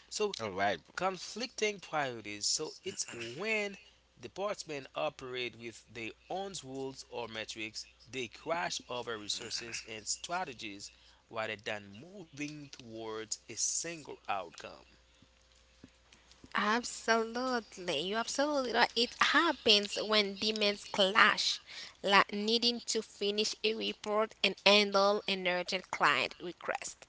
Speaker 2: So
Speaker 1: All right.
Speaker 2: conflicting priorities. So it's when departments operate with their own rules or metrics, they crash over resources and strategies rather than moving towards a single outcome.
Speaker 3: Absolutely, you absolutely right. It happens when demands clash, like needing to finish a report and handle an urgent client request.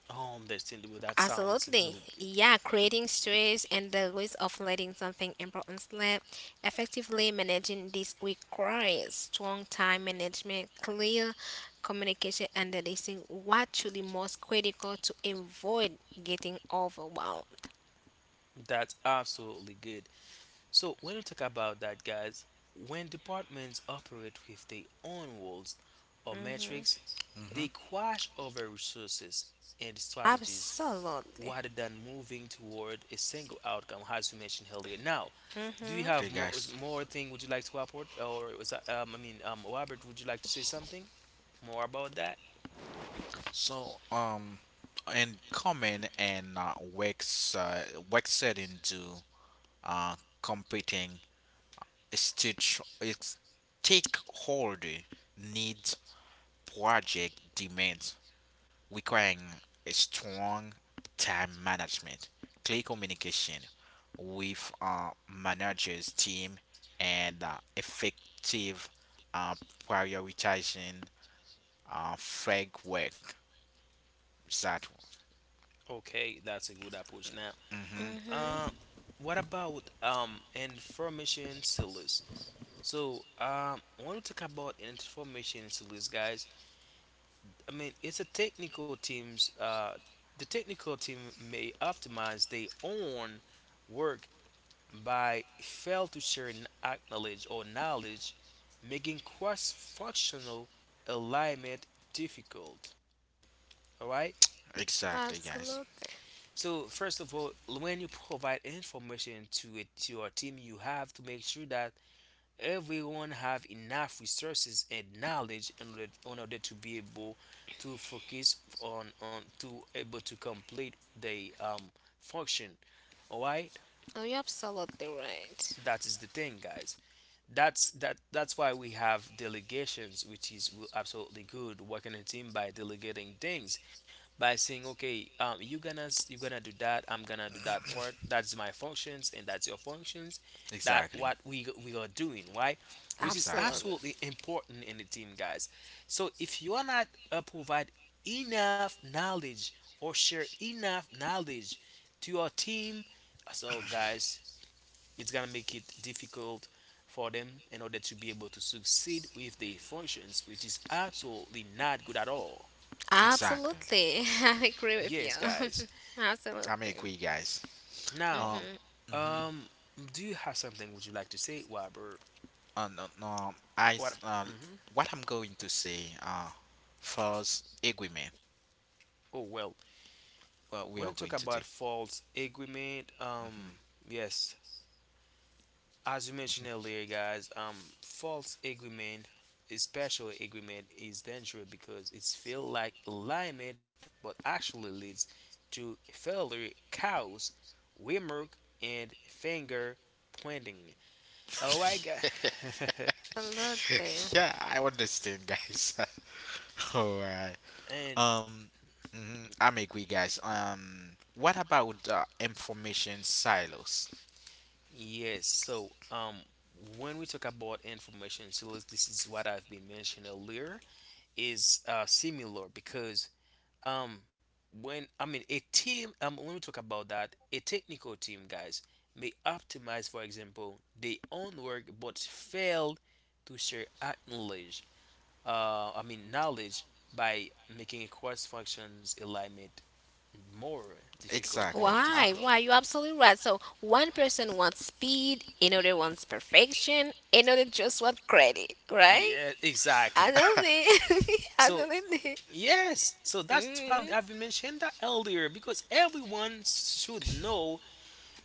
Speaker 2: Oh, understandable. That sounds
Speaker 3: Absolutely.
Speaker 2: really good.
Speaker 3: Yeah, creating stress and the risk of letting something important slip. Effectively managing this requires strong time management, clear communication, and releasing what truly most critical to avoid getting overwhelmed.
Speaker 2: That's absolutely good. So when you talk about that, guys, when departments operate with their own rules or metrics, they
Speaker 1: Mm-hmm.
Speaker 2: crash over resources and strategies,
Speaker 3: Absolutely.
Speaker 2: rather than moving toward a single outcome, as we mentioned earlier. Now, do you
Speaker 3: Mhm.
Speaker 2: have
Speaker 1: Okay, guys.
Speaker 2: more thing? Would you like to report, or was that, I mean, Robert, would you like to say something more about that?
Speaker 1: So, and common and works setting to uh, competing stitch it's stakeholder needs, project demands, requiring a strong time management, clear communication with managers team, and effective uh, prioritizing flag work. That.
Speaker 2: Okay, that's a good approach. Now,
Speaker 1: One.
Speaker 2: uh,
Speaker 3: Mhm.
Speaker 2: what about information sellers? So, I want to talk about information sellers, guys. I mean, it's a technical team's the technical team may optimize their own work by fail to share knowledge or knowledge, making cross-functional alignment difficult. All right.
Speaker 1: Exactly, guys.
Speaker 3: Absolutely.
Speaker 2: So first of all, when you provide information to it to your team, you have to make sure that everyone have enough resources and knowledge in order to be able to focus on to able to complete the function. All right.
Speaker 3: Oh, you're absolutely right.
Speaker 2: That is the thing, guys. That's that's why we have delegations, which is absolutely good working a team by delegating things, by saying, okay, you gonna you gonna do that, I'm gonna do that part. That's my functions and that's your functions. That
Speaker 1: Exactly.
Speaker 2: what we are doing, right? Which is
Speaker 1: Exactly.
Speaker 3: Absolutely.
Speaker 2: absolutely important in the team, guys. So if you are not provide enough knowledge or share enough knowledge to your team, so guys, it's gonna make it difficult for them in order to be able to succeed with the functions, which is absolutely not good at all.
Speaker 1: Exactly.
Speaker 3: Absolutely. I agree with
Speaker 2: Yes,
Speaker 3: you.
Speaker 2: guys.
Speaker 1: I may
Speaker 3: Absolutely.
Speaker 1: agree, guys.
Speaker 2: Now,
Speaker 1: Um. Mm-hmm.
Speaker 2: um do you have something would you like to say, Robert?
Speaker 1: No, no,
Speaker 2: What? Mhm.
Speaker 1: what I'm going to say. First agreement.
Speaker 2: Oh, well,
Speaker 1: What
Speaker 2: when
Speaker 1: we
Speaker 2: you
Speaker 1: are
Speaker 2: talk
Speaker 1: going to
Speaker 2: about
Speaker 1: do.
Speaker 2: false agreement, yes. As you mentioned earlier, guys, false agreement, especially agreement, is dangerous because it's feel like alignment, but actually leads to failure, chaos, remark, and finger pointing. All right, guys.
Speaker 1: Mm-hmm.
Speaker 3: Absolutely.
Speaker 1: yeah, I understand, guys. Alright.
Speaker 2: And
Speaker 1: Um. Mm-hmm. I may agree, guys. What about information silos?
Speaker 2: yes, so when we talk about information silos, this is what I've been mentioning earlier, is similar because Um, when I mean a team, when we talk about that, a technical team, guys, may optimize, for example, their own work but fail to share acknowledge, I mean knowledge, by making cross functions alignment more difficult or
Speaker 1: Exactly.
Speaker 3: Why?
Speaker 2: difficult.
Speaker 3: Why? You're absolutely right. So one person wants speed, another wants perfection, another just wants credit, right?
Speaker 2: Yeah, exactly.
Speaker 3: Absolutely.
Speaker 2: So
Speaker 3: absolutely.
Speaker 2: yes, so that's why I've
Speaker 3: Mm-hmm.
Speaker 2: been mentioned that earlier, because everyone should know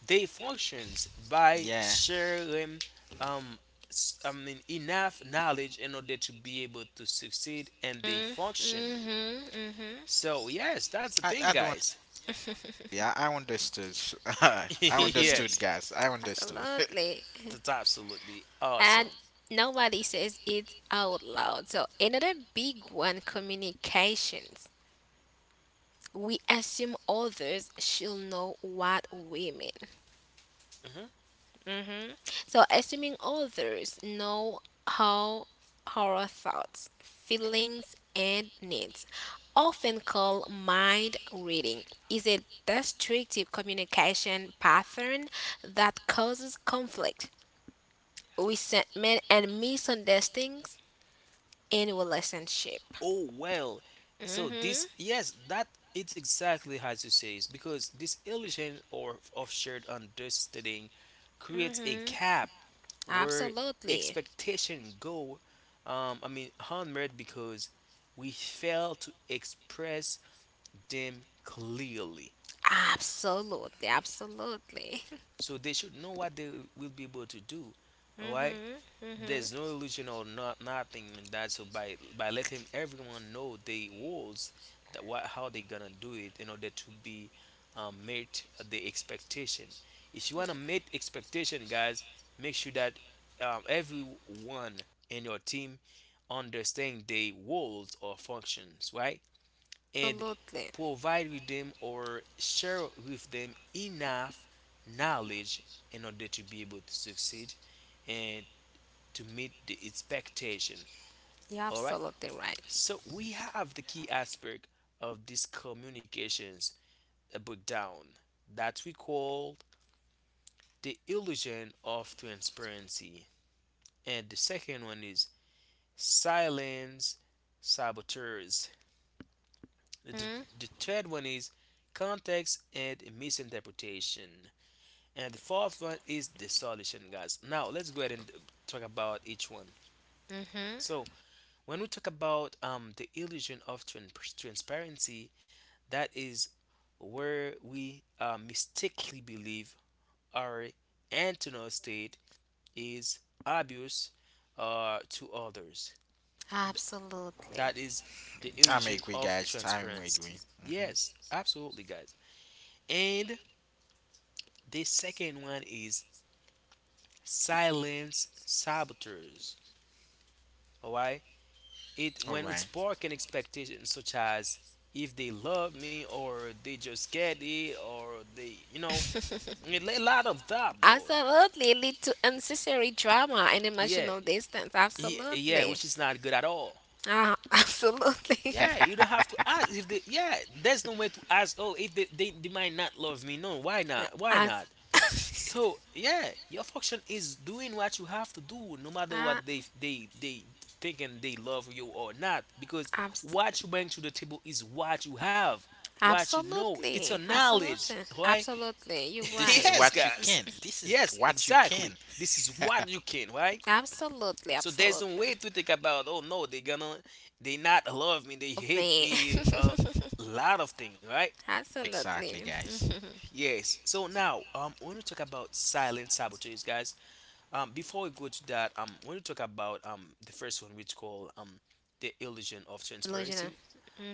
Speaker 2: they functions by
Speaker 1: Yeah.
Speaker 2: sharing um um, I mean enough knowledge in order to be able to succeed and they function.
Speaker 3: Mm-hmm. Mm-hmm.
Speaker 2: So yes, that's the thing,
Speaker 1: I don't
Speaker 2: guys.
Speaker 1: Yeah, I understood. I
Speaker 2: Yes.
Speaker 1: understood, guys. I understood.
Speaker 3: Absolutely.
Speaker 2: That's absolutely
Speaker 3: And
Speaker 2: awesome.
Speaker 3: nobody says it out loud. So another big one, communications. We assume others should know what we mean.
Speaker 2: Mhm.
Speaker 3: Hmm So, assuming others know how our thoughts, feelings, and needs, often called mind reading, is a destructive communication pattern that causes conflict, resentment, and misunderstandings in relationship.
Speaker 2: Oh, well. So this
Speaker 3: Mm-hmm.
Speaker 2: yes, that it's exactly as you say, is because this illusion or of shared understanding creates a
Speaker 3: Mm-hmm.
Speaker 2: gap where
Speaker 3: Absolutely.
Speaker 2: expectation go, I mean, hammered because we fail to express them clearly,
Speaker 3: Absolutely. Absolutely.
Speaker 2: so they should know what they will be able to do. All right.
Speaker 3: Mm-hmm. Mm-hmm.
Speaker 2: There's no illusion or not nothing like that. So by letting everyone know the rules, that what how they gonna do it in order to be meet the expectation. If you wanna meet expectation, guys, make sure that everyone in your team understand the roles or functions, right? And
Speaker 3: Absolutely.
Speaker 2: provide with them or share with them enough knowledge in order to be able to succeed and to meet the expectation.
Speaker 3: You're
Speaker 2: All right.
Speaker 3: absolutely right.
Speaker 2: So we have the key aspect of these communications a breakdown that we call the illusion of transparency. And the second one is silence saboteurs. The,
Speaker 3: Mhm,
Speaker 2: the third one is context and misinterpretation. And the fourth one is the solution, guys. Now let's go ahead and talk about each one.
Speaker 3: mhm.
Speaker 2: So when we talk about the illusion of trans- transparency, that is where we mistakenly believe our internal state is obvious to others.
Speaker 3: Absolutely.
Speaker 2: That is the
Speaker 1: I'm
Speaker 2: illusion
Speaker 1: agree,
Speaker 2: of
Speaker 1: guys. I'm agree.
Speaker 2: transparency.
Speaker 1: Mhm.
Speaker 2: Yes, absolutely, guys. And the second one is silence saboteurs. All right. It
Speaker 1: All
Speaker 2: when it
Speaker 1: right.
Speaker 2: spark an expectation such as if they love me, or they just get it, or they you know, a lot of that though.
Speaker 3: Absolutely. It lead to unnecessary drama and
Speaker 2: Yeah.
Speaker 3: emotional distance.
Speaker 2: Yeah,
Speaker 3: Absolutely.
Speaker 2: which is not good at all.
Speaker 3: Ah, absolutely.
Speaker 2: Yeah, you don't have to ask if they, yeah, there's no way to ask, oh, if they might not love me. No, why not? Why not?
Speaker 3: As
Speaker 2: So yeah, your function is doing what you have to do, no matter
Speaker 3: ah,
Speaker 2: what they thinking, they love you or not, because
Speaker 3: abs-
Speaker 2: what you bring to the table is what you have, what you know. It's
Speaker 3: absolutely.
Speaker 2: your
Speaker 3: Absolutely.
Speaker 2: knowledge, right?
Speaker 3: Absolutely. You're
Speaker 1: This is
Speaker 3: right.
Speaker 2: Yes,
Speaker 1: what you
Speaker 2: guys.
Speaker 1: can. This is
Speaker 2: Yes,
Speaker 1: what you can.
Speaker 2: exactly. This is what you can, right?
Speaker 3: Absolutely.
Speaker 2: So there's no
Speaker 3: Absolutely.
Speaker 2: way to think about. Oh no, they gonna they not love me. They
Speaker 3: Of
Speaker 2: hate
Speaker 3: me.
Speaker 2: me. A lot of things, right?
Speaker 1: exactly,
Speaker 3: absolutely.
Speaker 1: guys.
Speaker 3: Mhm.
Speaker 2: Yes. So now, when we talk about silent sabotage, guys, before we go to that, I want to talk about the first one, which called the illusion of
Speaker 3: Delusional.
Speaker 2: transparency.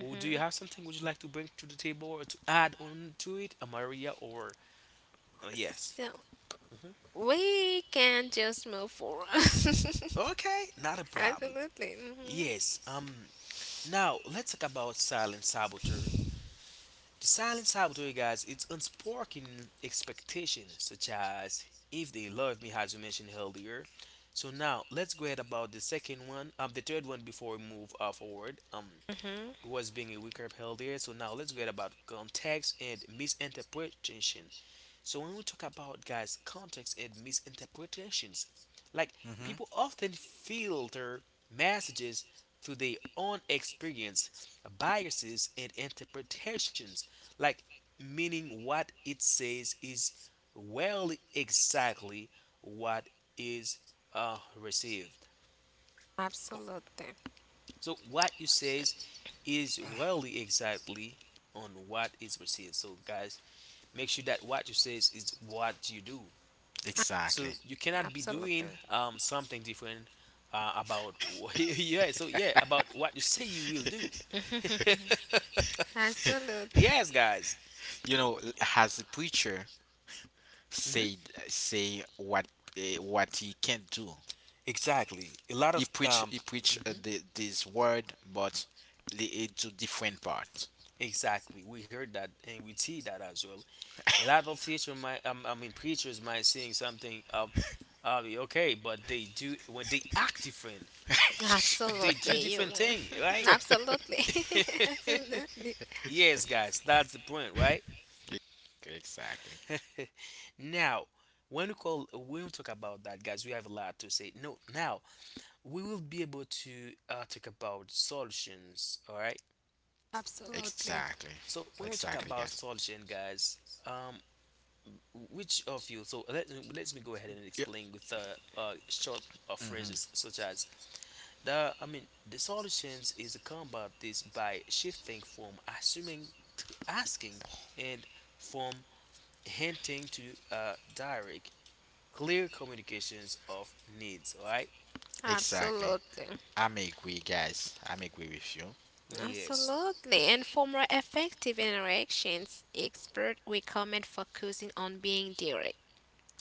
Speaker 2: Do you have something would you like to bring to the table or to add on to it, Maria? Or yes,
Speaker 3: So we can just move forward.
Speaker 2: okay, not a problem.
Speaker 3: Absolutely. Mhm.
Speaker 2: Yes. Now let's talk about silent saboteur. The silent saboteur, guys, it's unspoken expectation, such as if they love me, as you mentioned earlier. So now let's go ahead about the second one, the third one, before we move forward.
Speaker 3: Mhm.
Speaker 2: Was being weaker upheld here. So now let's get about context and misinterpretation. So when we talk about guys, context and misinterpretations, like people
Speaker 1: Hmm.
Speaker 2: often filter messages through their own experience, biases, and interpretations, like meaning what it says is well exactly what is received. Oh,
Speaker 3: Absolutely.
Speaker 2: so what you says is really exactly on what is received. So guys, make sure that what you says is what you do.
Speaker 3: A-
Speaker 1: Exactly.
Speaker 2: So you cannot be doing
Speaker 3: Absolutely.
Speaker 2: something different about yeah. So yeah, about what you say you will do.
Speaker 3: Absolutely.
Speaker 2: Yes, guys.
Speaker 1: You know, as a preacher said,
Speaker 2: Hmm.
Speaker 1: say what what he can't do.
Speaker 2: Exactly. A lot
Speaker 1: He
Speaker 2: of
Speaker 1: preach he preach
Speaker 2: mhm,
Speaker 1: this word, but it to different parts.
Speaker 2: exactly. We heard that and we see that as well. A lot of teacher might I mean preachers might saying something okay, but they do when they act different. They do
Speaker 3: Absolutely. You.
Speaker 2: different thing, right?
Speaker 3: Absolutely. Absolutely.
Speaker 2: Yes, guys, that's the point, right?
Speaker 1: exactly.
Speaker 2: Now, when we call, when we talk about that, guys, we have a lot to say. No, now we will be able to talk about solutions. All right.
Speaker 3: Absolutely.
Speaker 1: Exactly.
Speaker 2: So when we talk
Speaker 1: Exactly,
Speaker 2: about
Speaker 1: guys.
Speaker 2: solution, guys, um, which of you? So let me go ahead and
Speaker 1: Yep.
Speaker 2: explain with short
Speaker 1: Hmm.
Speaker 2: phrases such as The I mean the solutions is to combat this by shifting from assuming to asking and from hinting to direct clear communications of needs. Alright?
Speaker 1: Exactly.
Speaker 3: Absolutely.
Speaker 1: I'm agree, guys. I'm agree with you.
Speaker 2: Yes.
Speaker 3: Absolutely. And for more effective interactions, experts recommend focusing on being direct,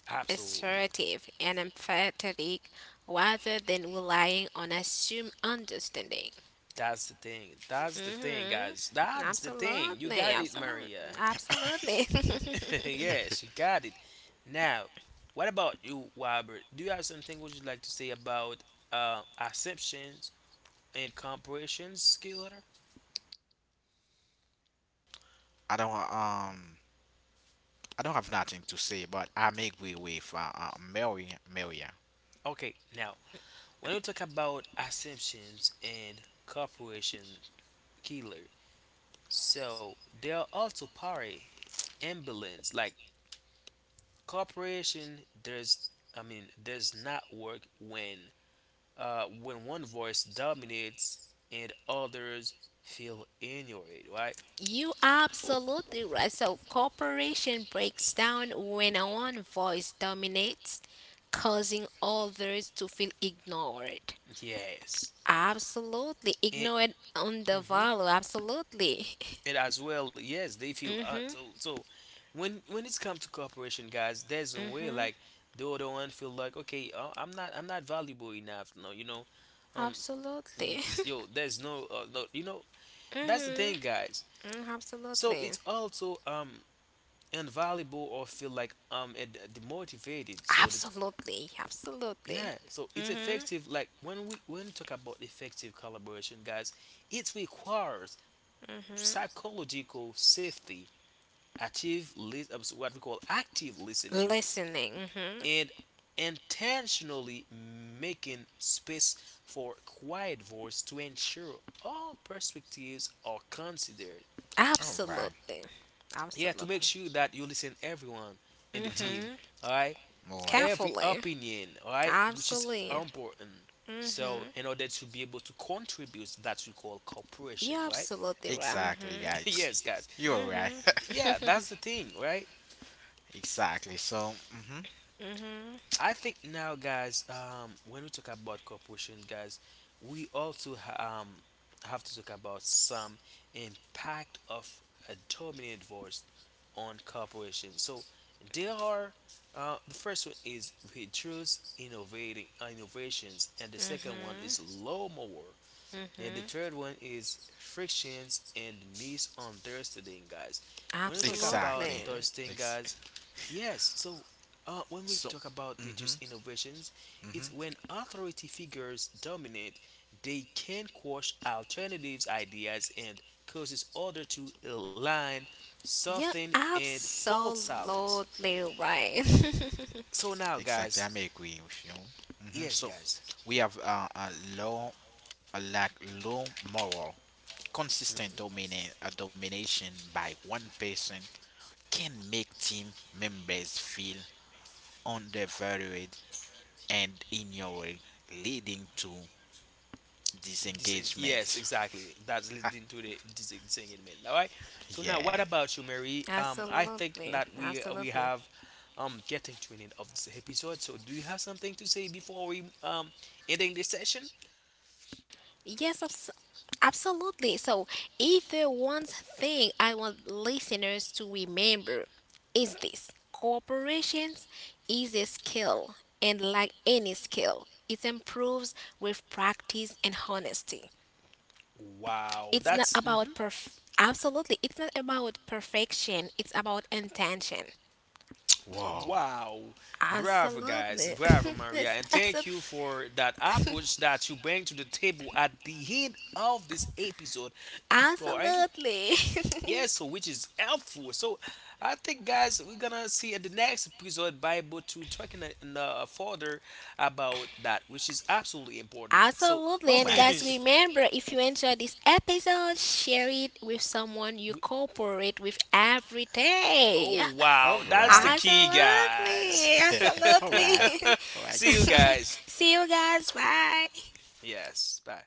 Speaker 2: Absolutely.
Speaker 3: assertive, and empathetic rather than relying on assumed understanding.
Speaker 2: That's the thing. That's the thing,
Speaker 3: Hmm
Speaker 2: guys. That's the thing. You
Speaker 3: Absolutely,
Speaker 2: got it,
Speaker 3: absolutely,
Speaker 2: Maria.
Speaker 3: absolutely.
Speaker 2: Yes, got it. Now, what about you, Robert? Do you have something would you like to say about assumptions and comprehension skill letter?
Speaker 1: I don't um. I don't have nothing to say, but I'm agree with Mary. Maria.
Speaker 2: Okay, now when we talk about assumptions and corporation killer, so they are also party ambulance like corporation. There's does not work when when one voice dominates and others feel ignored, right?
Speaker 3: You absolutely right. So cooperation breaks down when one voice dominates, causing others to feel ignored.
Speaker 2: Yes.
Speaker 3: Absolutely,
Speaker 2: It,
Speaker 3: ignored on the
Speaker 2: hmm
Speaker 3: value. Absolutely.
Speaker 2: it as well. Yes, they feel
Speaker 3: mhm.
Speaker 2: so. So when it's come to cooperation, guys, there's no way
Speaker 3: Mhm.
Speaker 2: like the other one feel like okay, I'm not valuable enough. No, you know, um, mm,
Speaker 3: Absolutely.
Speaker 2: yo there's no no you know that's the
Speaker 3: mhm.
Speaker 2: thing guys
Speaker 3: Mm,
Speaker 2: so
Speaker 3: absolutely.
Speaker 2: it's also invaluable or feel like it, demotivated so the.
Speaker 3: Absolutely. Absolutely.
Speaker 2: Yeah, so it's
Speaker 3: Mhm.
Speaker 2: effective. Like when we talk about effective collaboration, guys, it requires psychological safety, so what we call active listening,
Speaker 3: Listening. Mm-hmm.
Speaker 2: and intentionally making space for quiet voice to ensure all perspectives are considered.
Speaker 1: All right.
Speaker 3: Absolutely.
Speaker 2: Yeah, to make
Speaker 3: Absolutely.
Speaker 2: sure that you listen everyone in the
Speaker 1: Mm-hmm.
Speaker 2: team.
Speaker 3: Mm-hmm.
Speaker 2: All right,
Speaker 1: All right.
Speaker 2: every
Speaker 3: Carefully.
Speaker 2: opinion, all right? Which is
Speaker 3: Absolutely.
Speaker 2: important. So,
Speaker 3: Mm-hmm.
Speaker 2: in order to be able to contribute, that we call cooperation,
Speaker 3: You're
Speaker 2: right?
Speaker 3: absolutely right.
Speaker 1: Exactly,
Speaker 3: Mm-hmm.
Speaker 1: guys.
Speaker 2: Yes, guys.
Speaker 1: You're right.
Speaker 2: Yeah,
Speaker 3: Mm-hmm.
Speaker 2: that's the thing, right?
Speaker 1: Exactly. So. Mm-hmm.
Speaker 3: mm-hmm.
Speaker 2: I think now, guys, when we talk about cooperation, guys, we also have to talk about some impact of a dominant voice on cooperation. So there are the first one is reduce innovating innovations, and the second one is
Speaker 3: Mm-hmm.
Speaker 2: low more. And the
Speaker 3: Mm-hmm.
Speaker 2: third one is frictions and misunderstanding, guys. When we talk about
Speaker 3: Absolutely.
Speaker 1: Exactly.
Speaker 2: those things,
Speaker 1: Ex-
Speaker 2: guys, yes, so when we
Speaker 1: so.
Speaker 2: talk about
Speaker 1: Mm-hmm.
Speaker 2: reduced innovations, it's
Speaker 1: Mm-hmm.
Speaker 2: when authority figures dominate, they can quash alternatives, ideas, and causes order to align,
Speaker 3: You're
Speaker 2: soften, and fall silence.
Speaker 3: absolutely right.
Speaker 2: So now,
Speaker 1: Exactly.
Speaker 2: guys,
Speaker 1: I'm agree with you. Mm-hmm.
Speaker 2: yes,
Speaker 1: So,
Speaker 2: guys,
Speaker 1: we have low, a lack low moral. Consistent domination by one person can make team members feel undervalued and ignored, leading to
Speaker 2: Yes,
Speaker 1: disengagement.
Speaker 2: exactly. That's leading to the disengagement. All right. So now,
Speaker 1: Yeah.
Speaker 2: what about you, Mary? I think
Speaker 3: absolutely.
Speaker 2: that we
Speaker 3: Absolutely.
Speaker 2: have getting to an end of this episode. So, do you have something to say before we ending this session?
Speaker 3: Yes, absolutely. So, if there one thing I want listeners to remember is this: corporations is a skill, and like any skill, it improves with practice and honesty.
Speaker 2: Wow,
Speaker 3: It's not
Speaker 2: that's
Speaker 3: about
Speaker 2: hmm
Speaker 3: perf. Absolutely, it's not about perfection. It's about intention.
Speaker 1: Wow.
Speaker 2: wow, bravo, guys,
Speaker 3: Absolutely.
Speaker 2: bravo, Maria,
Speaker 3: Yes,
Speaker 2: and thank you for that approach that you bring to the table at the end of this episode. Alright.
Speaker 3: absolutely.
Speaker 2: Yeah, so which is helpful. So I think, guys, we're gonna see in the next episode Bible to talking further about that, which is absolutely important. So
Speaker 3: Absolutely.
Speaker 1: All
Speaker 3: And guys,
Speaker 2: we,
Speaker 1: right.
Speaker 3: remember if you enjoyed this episode, share it with someone you cooperate with every day.
Speaker 2: oh
Speaker 1: All
Speaker 2: wow, that's
Speaker 1: right.
Speaker 2: the key, guys.
Speaker 3: Absolutely.
Speaker 1: All right.
Speaker 3: Absolutely.
Speaker 1: All right.
Speaker 2: See you guys.
Speaker 3: See you guys. Bye.
Speaker 2: Yes, bye.